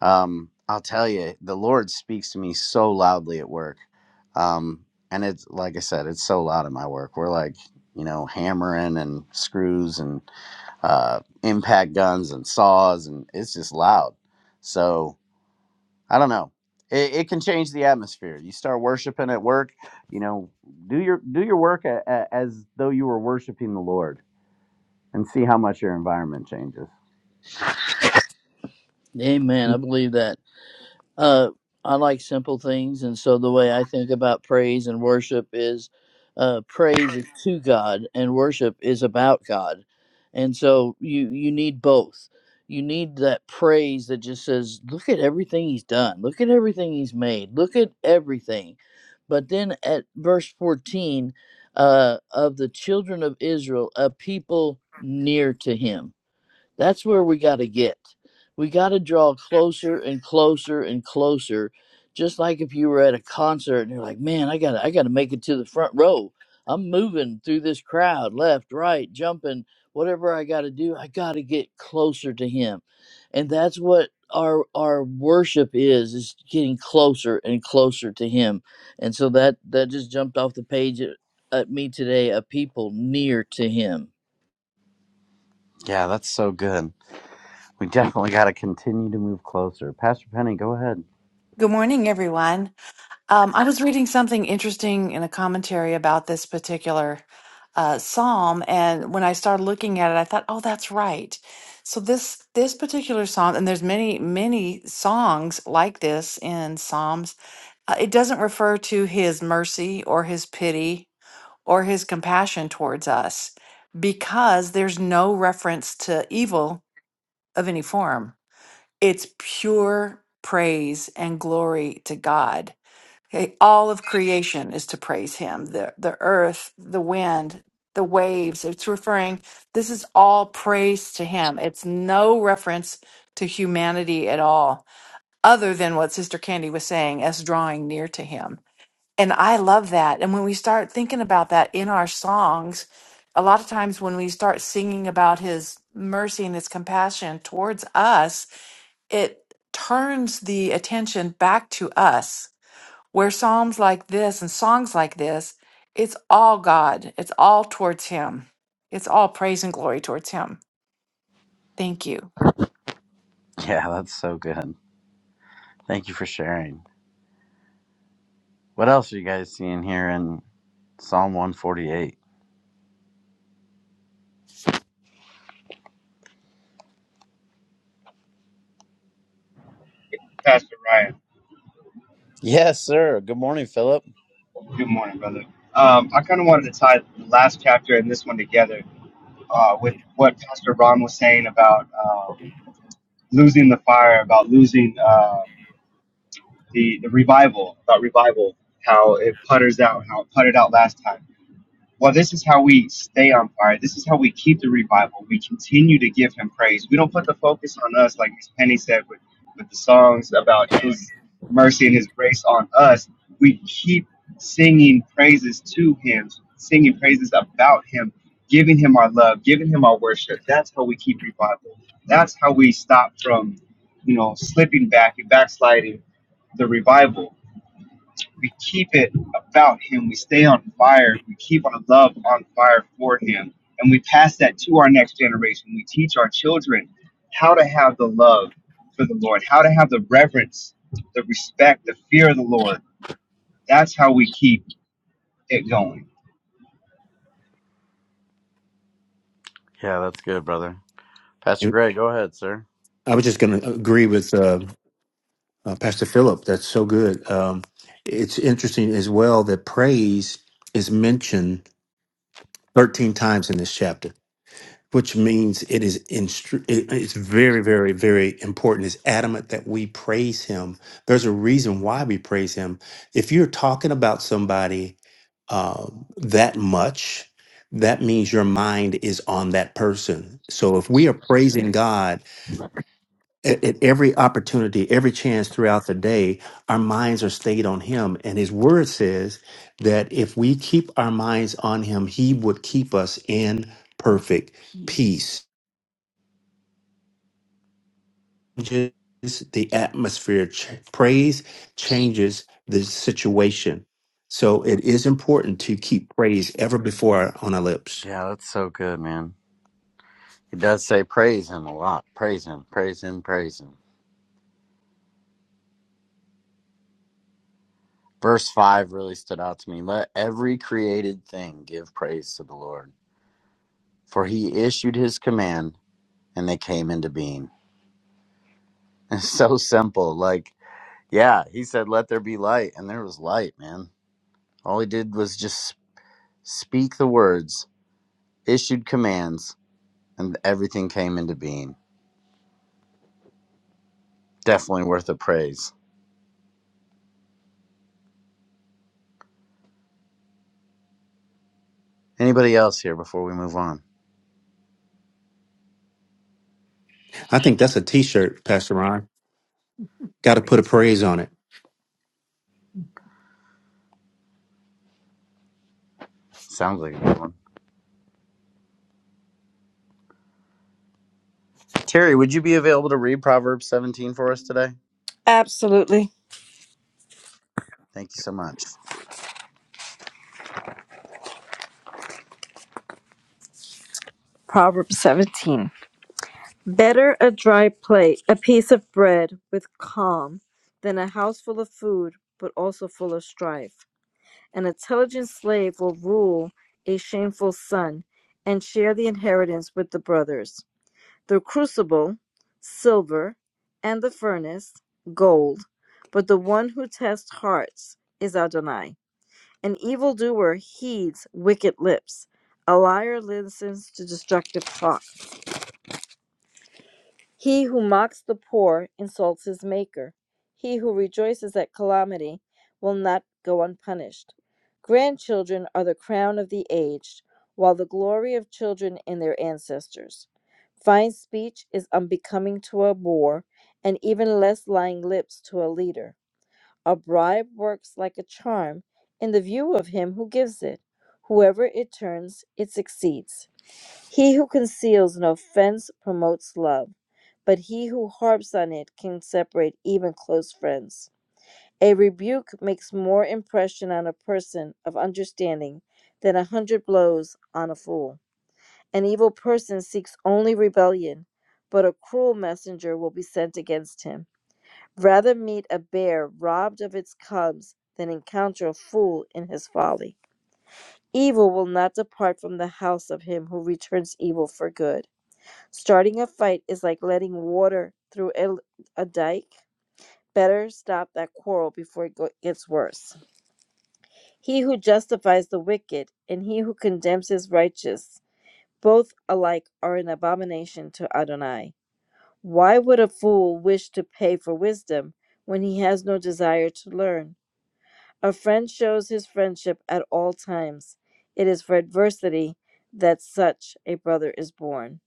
S9: um, I'll tell you, the Lord speaks to me so loudly at work. Um, and it's like I said, it's so loud at my work. We're like, you know, hammering and screws and uh, impact guns and saws, and it's just loud. So I don't know. It, it can change the atmosphere. You start worshiping at work, you know, do your do your work a, a, as though you were worshiping the Lord, and see how much your environment changes.
S8: Amen. I believe that. Uh, I like simple things, and so the way I think about praise and worship is, uh, praise is to God, and worship is about God, and so you you need both. You need that praise that just says, "Look at everything He's done. Look at everything He's made. Look at everything." But then at verse fourteen, uh, of the children of Israel, a people near to Him that's where we got to get. We got to draw closer and closer and closer. Just like if you were at a concert and you're like, "Man, I got to I got to make it to the front row. I'm moving through this crowd, left, right, jumping, whatever I got to do. I got to get closer to him." And that's what our our worship is is getting closer and closer to him. And so that that just jumped off the page at, at me today, a people near to him.
S9: Yeah, that's so good. We definitely got to continue to move closer. Pastor Penny, go ahead.
S10: Good morning, everyone. Um, I was reading something interesting in a commentary about this particular uh, psalm, and when I started looking at it, I thought, "Oh, that's right." So this this particular psalm, and there's many many songs like this in Psalms. Uh, it doesn't refer to His mercy or His pity or His compassion towards us, because there's no reference to evil of any form. It's pure praise and glory to God Okay, all of creation is to praise him. The the earth, the wind, the waves. It's referring this is all praise to him. It's no reference to humanity at all, other than what Sister Candy was saying, as drawing near to him. And I love that. And when we start thinking about that in our songs, a lot of times when we start singing about his mercy and his compassion towards us, it turns the attention back to us where psalms like this and songs like this, it's all God. It's all towards Him. It's all praise and glory towards Him. Thank you.
S9: Yeah, that's so good. Thank you for sharing. What else are you guys seeing here in Psalm 148?
S11: Pastor Ryan.
S9: Yes, sir. Good morning, Philip.
S11: Good morning, brother. Um, I kind of wanted to tie the last chapter and this one together uh, with what Pastor Ron was saying about uh, losing the fire, about losing um, the the revival, about revival, how it putters out, how it puttered out last time. Well, this is how we stay on fire. This is how we keep the revival. We continue to give him praise. We don't put the focus on us, like Miss Penny said, with, with the songs about his mercy and his grace on us. We keep singing praises to him, singing praises about him, giving him our love, giving him our worship. That's how we keep revival. That's how we stop from, you know, slipping back and backsliding the revival we keep it about him. We stay on fire. We keep our love on fire for him. And we pass that to our next generation. We teach our children how to have the love for the Lord, how to have the reverence, the respect, the fear of the Lord. That's how we keep it going.
S9: Yeah, that's good, brother. Pastor
S2: And
S9: Greg, go ahead, sir.
S2: I was just going to agree with. uh, Uh, Pastor Philip, that's so good. Um, it's interesting as well that praise is mentioned 13 times in this chapter, which means it is instru- it- it's very, very, very important. It's adamant that we praise Him. There's a reason why we praise Him. If you're talking about somebody uh, that much, that means your mind is on that person. So if we are praising God at, at every opportunity, every chance throughout the day, our minds are stayed on him. And his word says that if we keep our minds on him, he would keep us in perfect peace. Changes the atmosphere. Ch- praise changes the situation. So it is important to keep praise ever before our, on our lips.
S9: Yeah, that's so good, man. He does say praise him a lot. Praise him, praise him, praise him. Verse 5 really stood out to me. Let every created thing give praise to the Lord, for he issued his command and they came into being. It's so simple. Like, yeah, he said, let there be light, and there was light, man. All he did was just speak the words, issued commands, and everything came into being. Definitely worth a praise. Anybody else here before we move on?
S2: I think that's a t-shirt, Pastor Ron. Got to put a praise on
S9: Sounds like a good one. Terry, would you be available to read Proverbs 17 for us today?
S7: Absolutely.
S9: Thank you so much.
S7: Proverbs 17. Better a dry plate, a piece of bread with calm, than a house full of food, but also full of strife. An intelligent slave will rule a shameful son and share the inheritance with the brothers. The crucible, silver, and the furnace, gold, but the one who tests hearts is Adonai. An evildoer heeds wicked lips, a liar listens to destructive talk. He who mocks the poor insults his Maker. He who rejoices at calamity will not go unpunished. Grandchildren are the crown of the aged, while the glory of children in their ancestors. Fine speech is unbecoming to a boor, and even less lying lips to a leader. A bribe works like a charm in the view of him who gives it. Whoever it turns, it succeeds. He who conceals an offense promotes love, but he who harps on it can separate even close friends. A rebuke makes more impression on a person of understanding than a hundred blows on a fool. An evil person seeks only rebellion, but a cruel messenger will be sent against him. Rather meet a bear robbed of its cubs than encounter a fool in his folly. Evil will not depart from the house of him who returns evil for good Starting a fight is like letting water through a, a dike. Better stop that quarrel before it go- gets worse. He who justifies the wicked and he who condemns his righteous, both alike are an abomination to Adonai. Why would a fool wish to pay for wisdom when he has no desire to learn? A friend shows his friendship at all times. It is for adversity that such a brother is born.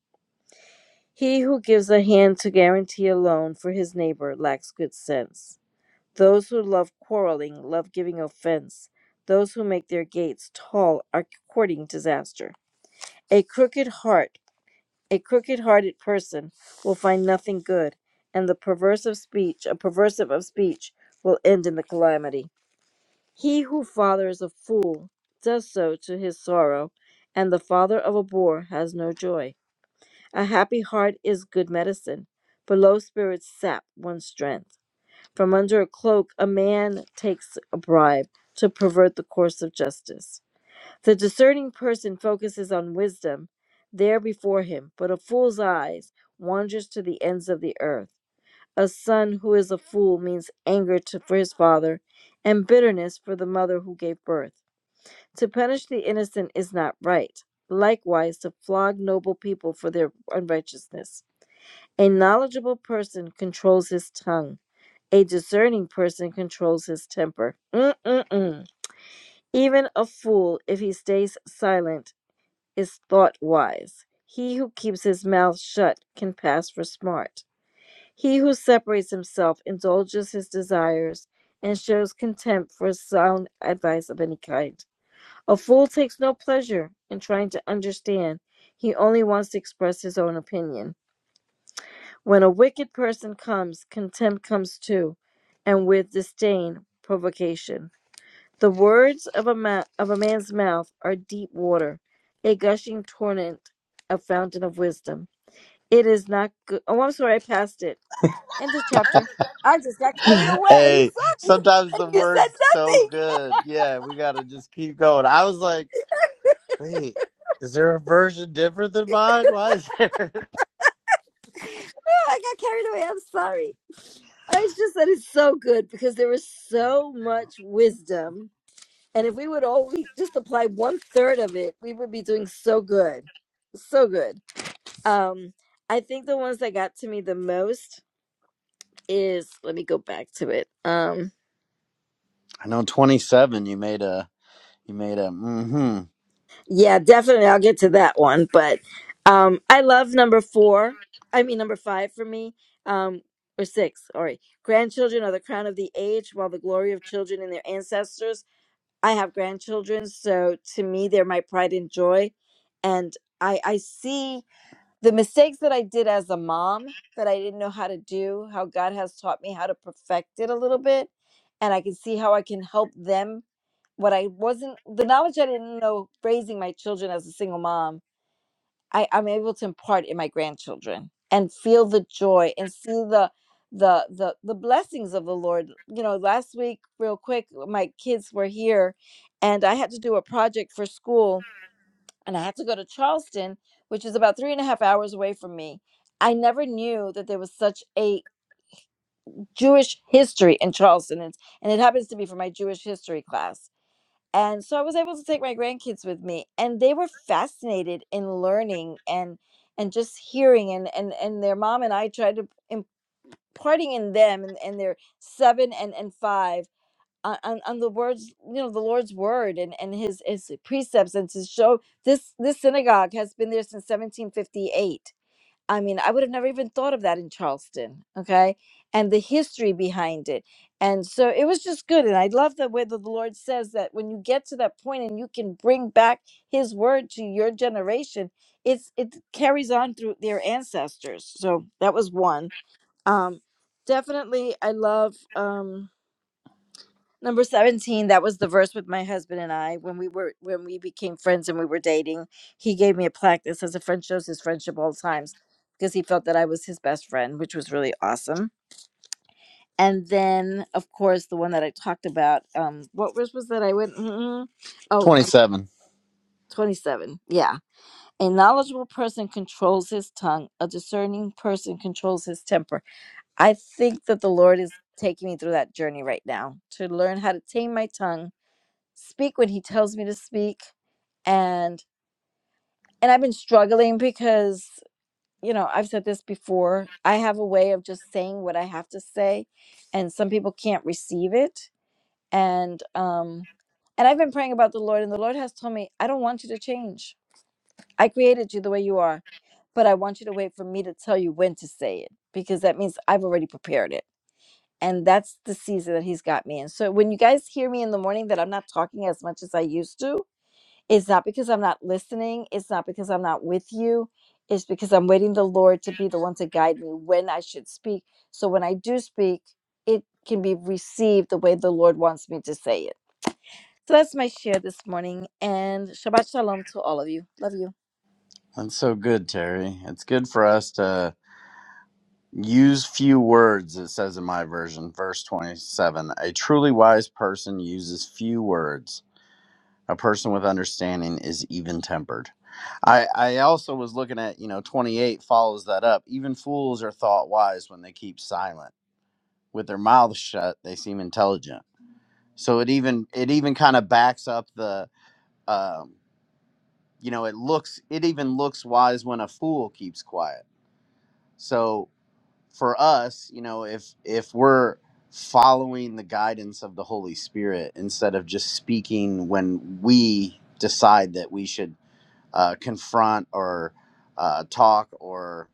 S7: He who gives a hand to guarantee a loan for his neighbor lacks good sense. Those who love quarreling love giving offense. Those who make their gates tall are courting disaster. A crooked heart, a crooked hearted person will find nothing good, and the perverse of speech, a perversive of speech, will end in the calamity. He who fathers a fool does so to his sorrow, and the father of a boor has no joy. A happy heart is good medicine, but low spirits sap one's strength. From under a cloak, a man takes a bribe to pervert the course of justice. The discerning person focuses on wisdom there before him, but a fool's eyes wanders to the ends of the earth. A son who is a fool means anger to, for his father and bitterness for the mother who gave birth. To punish the innocent is not right. Likewise, to flog noble people for their unrighteousness. A knowledgeable person controls his tongue. A discerning person controls his temper. Mm-mm-mm. Even a fool, if he stays silent, is thought wise. He who keeps his mouth shut can pass for smart. He who separates himself indulges his desires and shows contempt for sound advice of any kind. A fool takes no pleasure in trying to understand, he only wants to express his own opinion. When a wicked person comes, contempt comes too, and with disdain, provocation. The words of a, ma- of a man's mouth are deep water, a gushing torrent, a fountain of wisdom. It is not good. Oh, I'm sorry, I passed it. End of chapter. I just got carried away.
S9: hey,
S7: Sorry,
S9: sometimes the
S7: you said
S9: word's so
S7: nothing.
S9: good. Yeah, we got to just keep going. I was like, wait, is there a version different than mine? Why is there?
S7: I got carried away. I'm sorry. I just said it's so good because there was so much wisdom And if we would only just apply one third of it, we would be doing so good. So good. Um, I think the ones that got to me the most is let me go back to it. Um,
S9: I know 27. You made a. You made a. Mm-hmm.
S7: yeah, definitely I'll get to that one. But um I love number four. I mean number five for me. Um or six, sorry. Grandchildren are the crown of the age, while the glory of children and their ancestors. I have grandchildren, so to me they're my pride and joy. And I I see the mistakes that I did as a mom that I didn't know how to do, how God has taught me how to perfect it a little bit. And I can see how I can help them. What I wasn't, the knowledge I didn't know raising my children as a single mom, I, I'm able to impart in my grandchildren and feel the joy and see the, the the the blessings of the lord you know last week real quick my kids were here and i had to do a project for school and I had to go to Charleston, which is about three and a half hours away from me. I never knew that there was such a Jewish history in Charleston, and, and it happens to be for my Jewish history class. And so I was able to take my grandkids with me, and they were fascinated in learning and and just hearing and and and their mom and I tried to imparting in them and, and they're seven and and five on, on on the words you know the lord's word and and his his precepts and to show this this synagogue has been there since 1758 i mean i would have never even thought of that in charleston okay and the history behind it and so it was just good and i love the way that the lord says that when you get to that point and you can bring back his word to your generation it's it carries on through their ancestors so that was one um definitely i love um Number 17, that was the verse with my husband and I when we were when we became friends and we were dating. He gave me a plaque that says a friend shows his friendship all times because he felt that I was his best friend, which was really awesome. And then of course the one that I talked about, um what verse was that I went mm oh number
S9: 27.
S7: 27. Yeah. A knowledgeable person controls his tongue, a discerning person controls his temper. I think that the Lord is taking me through that journey right now to learn how to tame my tongue speak when he tells me to speak and and i've been struggling because you know i've said this before i have a way of just saying what i have to say and some people can't receive it and um and i've been praying about the lord and the lord has told me i don't want you to change i created you the way you are but i want you to wait for me to tell you when to say it because that means i've already prepared it and that's the season that he's got me in so when you guys hear me in the morning that i'm not talking as much as i used to It's not because I'm not listening. It's not because I'm not with you. It's because I'm waiting the Lord to be the one to guide me when I should speak. So when I do speak, it can be received the way the Lord wants me to say it. So that's my share this morning. And Shabbat Shalom to all of you. Love you.
S9: That's so good, Terry. It's good for us to use few words. It says in my version, verse 27. A truly wise person uses few words. A person with understanding is even tempered. I, I also was looking at, you know, 28 follows that up. Even fools are thought wise when they keep silent. With their mouths shut, they seem intelligent. So it even it even kind of backs up the um, you know, it looks it even looks wise when a fool keeps quiet. So for us, you know, if if we're following the guidance of the Holy Spirit instead of just speaking when we decide that we should uh, confront or uh, talk or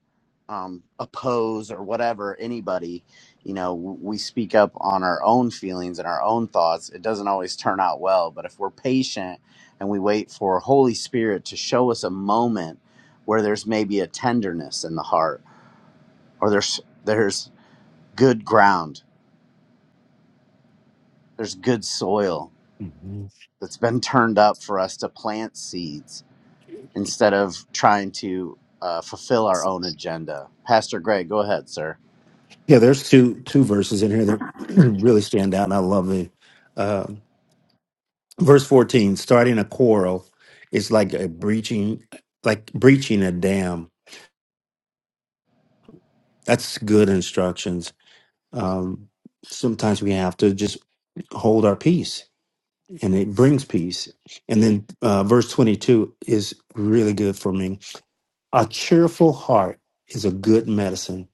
S9: um, oppose or whatever anybody you know w- we speak up on our own feelings and our own thoughts it doesn't always turn out well but if we're patient and we wait for holy spirit to show us a moment where there's maybe a tenderness in the heart or there's there's good ground there's good soil
S2: it.
S9: that's been turned up for us to plant seeds instead of trying to uh, fulfill our own agenda. Pastor Greg, go ahead, sir.
S2: Yeah, there's two two verses in here that really stand out, and I love the Uh, verse 14, starting a quarrel is like a breaching, like breaching a dam. That's good instructions. Um, sometimes we have to just hold our peace, and it brings peace. And then uh, verse 22 is really good for me. A cheerful heart is a good medicine,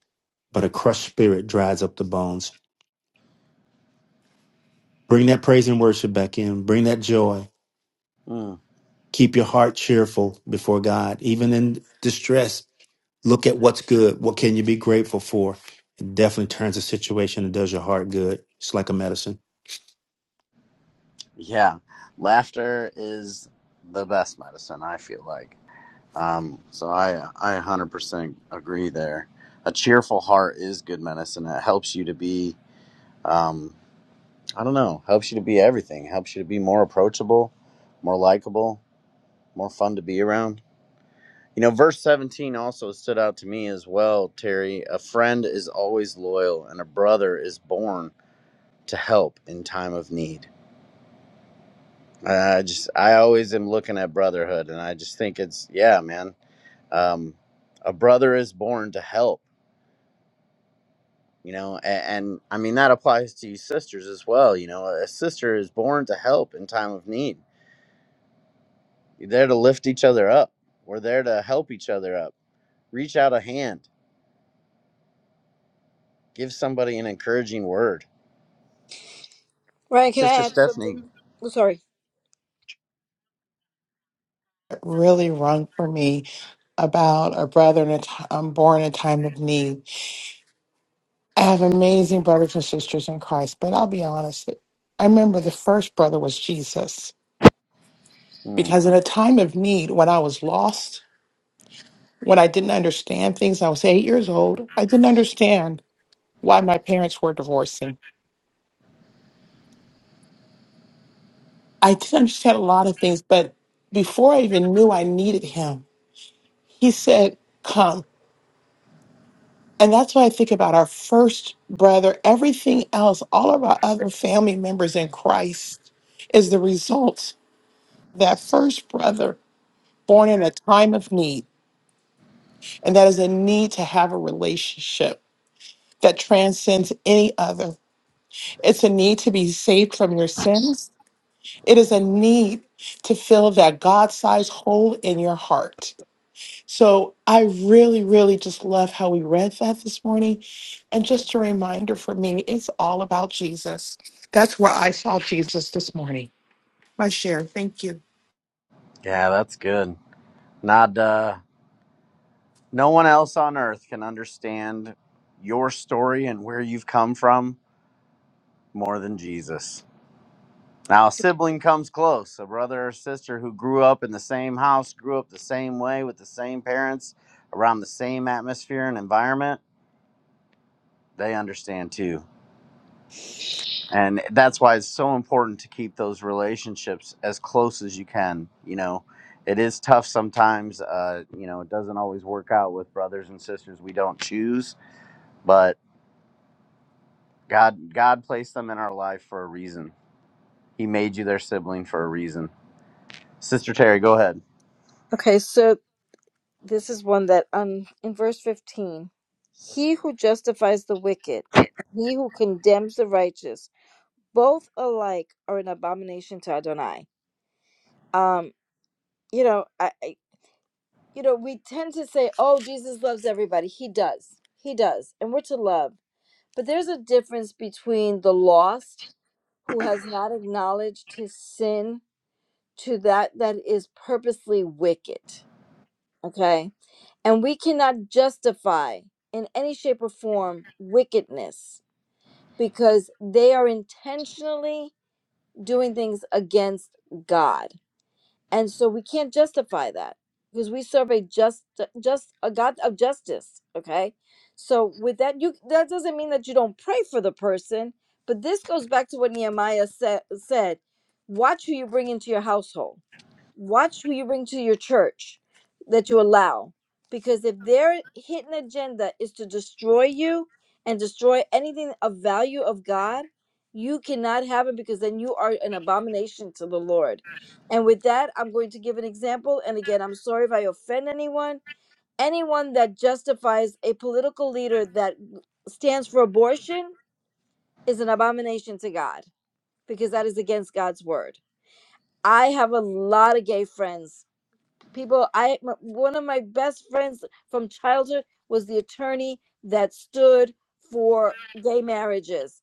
S2: but a crushed spirit dries up the bones. Bring that praise and worship back in. Bring that joy
S9: Mm,
S2: Keep your heart cheerful before God, even in distress. Look at what's good. What can you be grateful for? It definitely turns the situation and does your heart good. It's like a medicine.
S9: yeah, laughter is the best medicine. I feel like. Um, so I I 100% agree there. A cheerful heart is good medicine. It helps you to be um, I don't know, helps you to be everything. Helps you to be more approachable, more likable, more fun to be around. You know, verse 17 also stood out to me as well, Terry. A friend is always loyal, and a brother is born to help in time of need. I just, I always am looking at brotherhood, and I just think it's, yeah, man. Um, a brother is born to help, you know, and, and I mean, that applies to you sisters as well. You know, a sister is born to help in time of need. You're there to lift each other up, we're there to help each other up, reach out a hand, give somebody an encouraging word.
S7: Ryan, can
S9: Sister
S7: I add
S9: Stephanie
S7: something? Oh, sorry.
S4: It really rung for me about a brother in a t- um, born in a time of need I have amazing brothers and sisters in Christ, but I'll be honest. I remember the first brother was Jesus
S9: Mm.
S4: because in a time of need, when I was lost, when I didn't understand things, I was eight years old. I didn't understand why my parents were divorcing. I didn't understand a lot of things, but before I even knew I needed him, he said, Come. And that's why I think about our first brother. Everything else, all of our other family members in Christ, is the result of that first brother born in a time of need, and that is a need to have a relationship that transcends any other. It's a need to be saved from your sins. It is a need to fill that God sized hole in your heart. So I really, really just love how we read that this morning. And just a reminder for me, it's all about Jesus. That's where I saw Jesus this morning. My share. Thank you.
S9: Yeah, that's good. Not uh, no one else on earth can understand your story and where you've come from more than Jesus. Now, a sibling comes close, a brother or sister who grew up in the same house, grew up the same way with the same parents, around the same atmosphere and environment, they understand too. and that's why it's so important to keep those relationships as close as you can you know it is tough sometimes uh, you know it doesn't always work out with brothers and sisters we don't choose but god god placed them in our life for a reason he made you their sibling for a reason sister terry go ahead
S7: Okay, so this is one that um in verse 15. He who justifies the wicked, he who condemns the righteous, both alike are an abomination to Adonai. um you know I, I you know we tend to say oh jesus loves everybody he does he does and we're to love but there's a difference between the lost who has not acknowledged his sin to that that is purposely wicked okay and we cannot justify in any shape or form wickedness because they are intentionally doing things against god and so we can't justify that because we serve a just uh, just a god of justice okay so with that you that doesn't mean that you don't pray for the person but this goes back to what nehemiah said said watch who you bring into your household watch who you bring to your church that you allow because if their hidden agenda is to destroy you and destroy anything of value of god you cannot have it because then you are an abomination to the lord and with that i'm going to give an example and again i'm sorry if i offend anyone anyone that justifies a political leader that stands for abortion is an abomination to god because that is against god's word i have a lot of gay friends People, I m- one of my best friends from childhood was the attorney that stood for gay marriages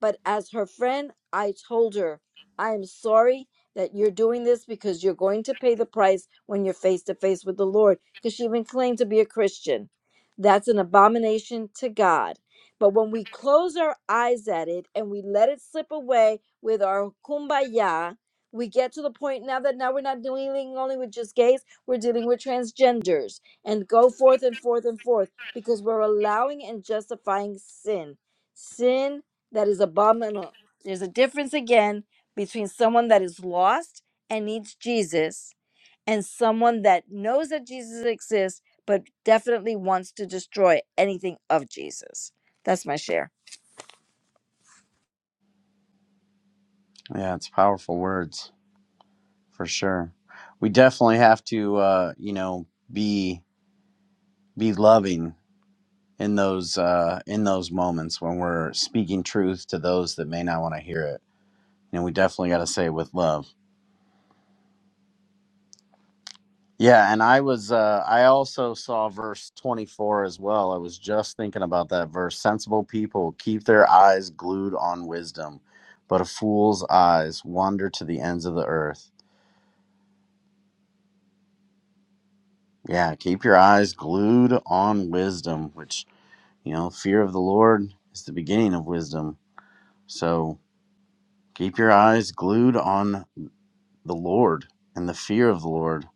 S7: but as her friend, I told her, I am sorry that you're doing this because you're going to pay the price when you're face to face with the Lord. Because she even claimed to be a Christian. That's an abomination to God. But when we close our eyes at it and we let it slip away with our kumbaya, we get to the point now that now we're not dealing only with just gays, we're dealing with transgenders and go forth and forth and forth because we're allowing and justifying sin. Sin that is abominable. There's a difference again between someone that is lost and needs Jesus and someone that knows that Jesus exists but definitely wants to destroy anything of Jesus. That's my share.
S9: yeah it's powerful words for sure we definitely have to uh, you know be be loving in those uh, in those moments when we're speaking truth to those that may not want to hear it and we definitely got to say with love yeah and i was uh i also saw verse 24 as well i was just thinking about that verse sensible people keep their eyes glued on wisdom but a fool's eyes wander to the ends of the earth yeah keep your eyes glued on wisdom which you know fear of the lord is the beginning of wisdom so keep your eyes glued on the lord and the fear of the lord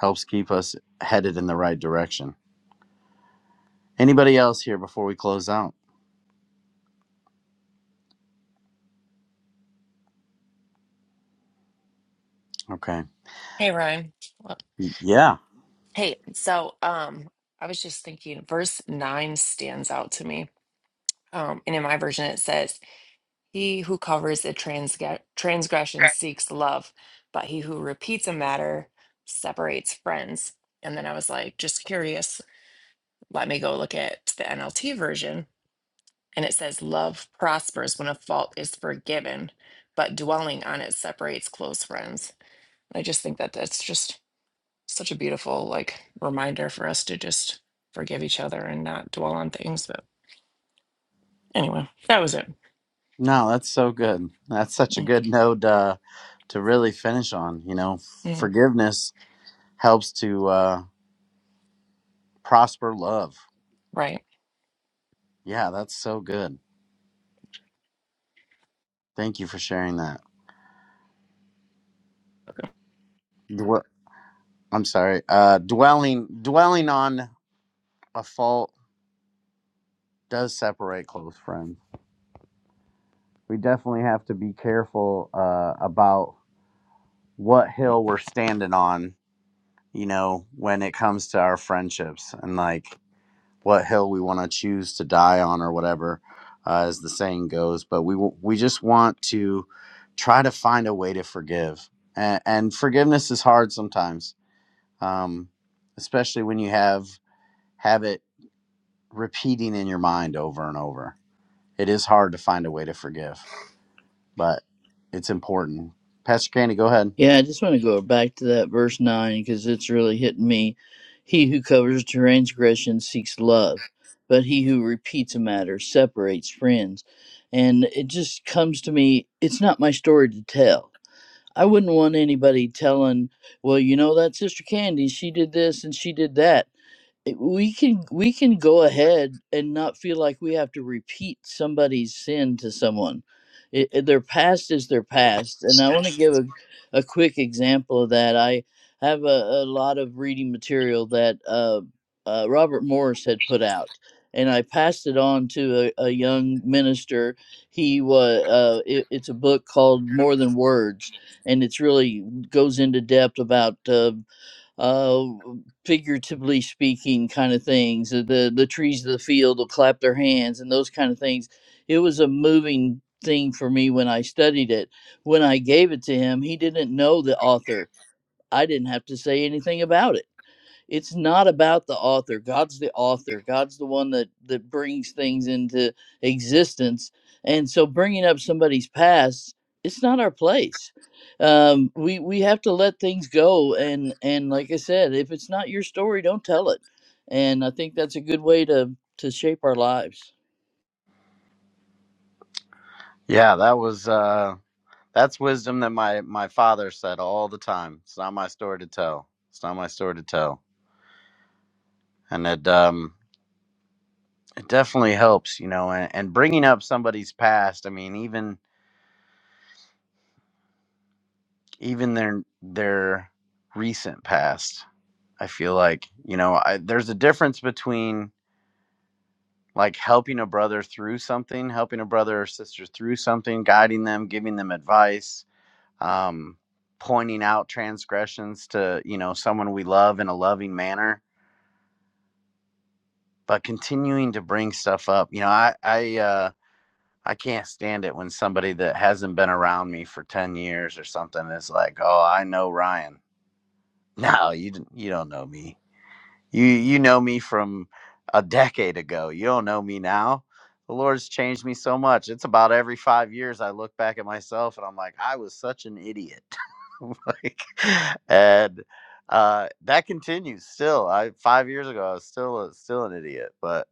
S9: helps keep us headed in the right direction Anybody else here before we close out? Okay.
S5: Hey Ryan. Well,
S9: Yeah.
S5: Hey, so um I was just thinking verse nine stands out to me. Um, and in my version it says, He who covers a transge- transgression seeks love, but he who repeats a matter separates friends. And then I was like, just curious, let me go look at the NLT version And it says, Love prospers when a fault is forgiven, but dwelling on it separates close friends. And I just think that that's just such a beautiful, like, reminder for us to just forgive each other and not dwell on things. But anyway, that was it.
S9: No, that's so good. That's such a
S5: Mm,
S9: good note uh, to really finish on. You know,
S5: mm,
S9: forgiveness helps to uh, prosper love.
S5: Right.
S9: Yeah, that's so good. Thank you for sharing that. Dwe- I'm sorry. Uh, dwelling dwelling on a fault does separate close friends. We definitely have to be careful uh, about what hill we're standing on. You know, when it comes to our friendships and like what hill we want to choose to die on or whatever uh, as the saying goes but we w- we just want to try to find a way to forgive and, and forgiveness is hard sometimes um, especially when you have have it repeating in your mind over and over it is hard to find a way to forgive but it's important pastor candy go ahead
S8: Yeah, I just want to go back to that verse 9 because it's really hitting me. He who covers transgression seeks love, but he who repeats a matter separates friends. And it just comes to me, it's not my story to tell. I wouldn't want anybody telling, well, you know, that Sister Candy, she did this and she did that we can we can go ahead and not feel like we have to repeat somebody's sin to someone it, it- their past is their past and i want to give a, a quick example of that i have a, a lot of reading material that uh, uh, robert morris had put out and i passed it on to a, a young minister he was uh, it, it's a book called more than words and it's really goes into depth about uh uh figuratively speaking kind of things uh, the the trees of the field will clap their hands and those kind of things it was a moving thing for me when i studied it when i gave it to him he didn't know the author i didn't have to say anything about it it's not about the author god's the author god's the one that that brings things into existence and so bringing up somebody's past it's not our place um we we have to let things go and and like i said if it's not your story don't tell it and i think that's a good way to to shape our lives
S9: yeah that was uh that's wisdom that my my father said all the time it's not my story to tell it's not my story to tell and it um It definitely helps, you know, and, and bringing up somebody's past. I mean, even even their their recent past. I feel like you know, I, there's a difference between like helping a brother through something, helping a brother or sister through something, guiding them, giving them advice, um, pointing out transgressions to you know someone we love in a loving manner, but continuing to bring stuff up. You know, I I uh, I can't stand it when somebody that hasn't been around me for 10 years or something is like, "Oh, I know Ryan." No, you d- you don't know me. You you know me from a decade ago. You don't know me now. The Lord's changed me so much. It's about every 5 years I look back at myself and I'm like, "I was such an idiot." like and uh that continues still. I 5 years ago I was still a, still an idiot, but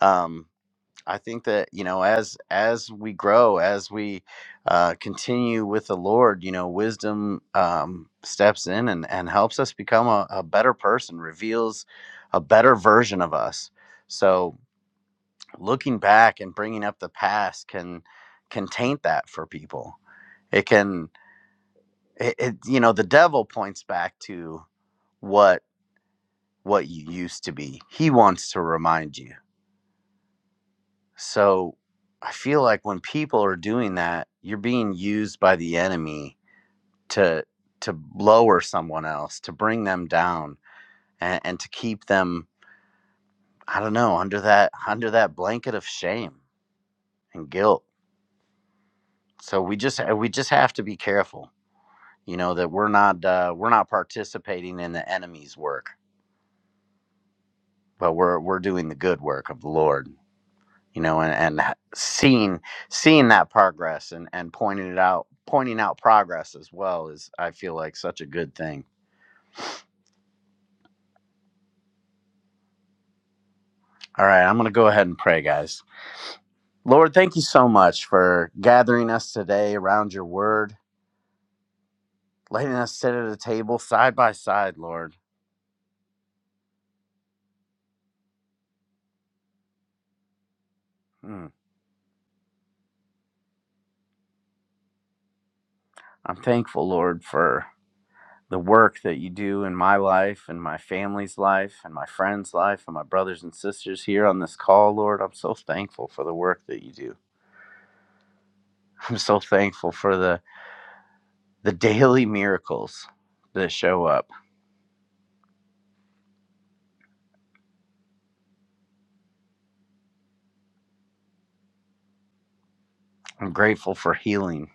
S9: um I think that you know, as as we grow, as we uh, continue with the Lord, you know, wisdom um, steps in and and helps us become a, a better person, reveals a better version of us. So looking back and bringing up the past can can taint that for people. It can, it, it you know, the devil points back to what what you used to be. He wants to remind you So I feel like when people are doing that, you're being used by the enemy to to lower someone else, to bring them down and, and to keep them, I don't know, under that under that blanket of shame and guilt. So we just uh, we just have to be careful, you know, that we're not uh, we're not participating in the enemy's work, but we're we're doing the good work of the Lord. you know, and, and seeing seeing that progress and and pointing it out, pointing out progress as well is I feel like such a good thing. All right, I'm gonna go ahead and pray, guys. Lord, thank you so much for gathering us today around your word, letting us sit at a table side by side, Lord. Mm. I'm thankful, Lord, for the work that you do in my life and my family's life and my friends' life and my brothers and sisters here on this call, Lord. I'm so thankful for the work that you do. I'm so thankful for the the daily miracles that show up. I'm grateful for healing.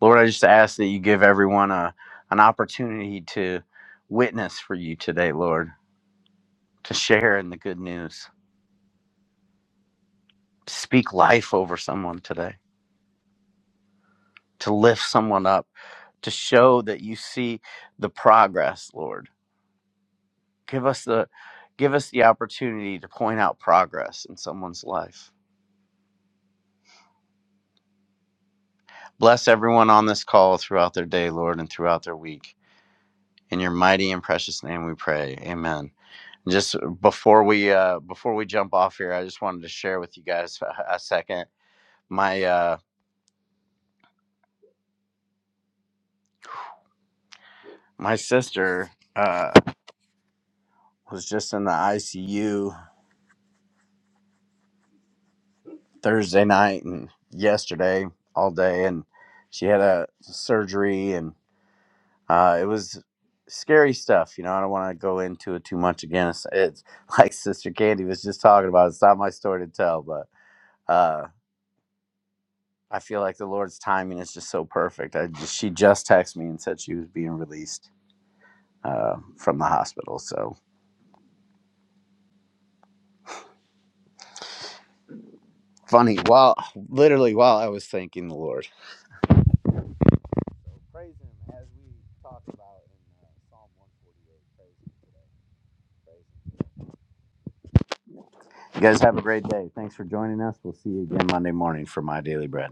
S9: Lord, I just ask that you give everyone a, an opportunity to witness for you today, Lord, to share in the good news, to speak life over someone today, to lift someone up, to show that you see the progress, Lord. Give us the give us the opportunity to point out progress in someone's life. Bless everyone on this call throughout their day, Lord, and throughout their week. In your mighty and precious name we pray. Amen. And Just uh, before we uh before we jump off here, I just wanted to share with you guys a, a second. My uh my sister uh was just in the ICU Thursday night and yesterday all day and she had a surgery and uh it was scary stuff, you know. I don't want to go into it too much again. It's, it's like Sister Candy was just talking about. It's not my story to tell, but Uh, I feel like the Lord's timing is just so perfect. I just, she just texted me and said she was being released uh, from the hospital. So funny. While literally while I was thanking the Lord. Praise Him as we talk about in uh, Psalm 148. Praise Him today. Praise Him. You guys have a great day. Thanks for joining us. We'll see you again Monday morning for my daily bread.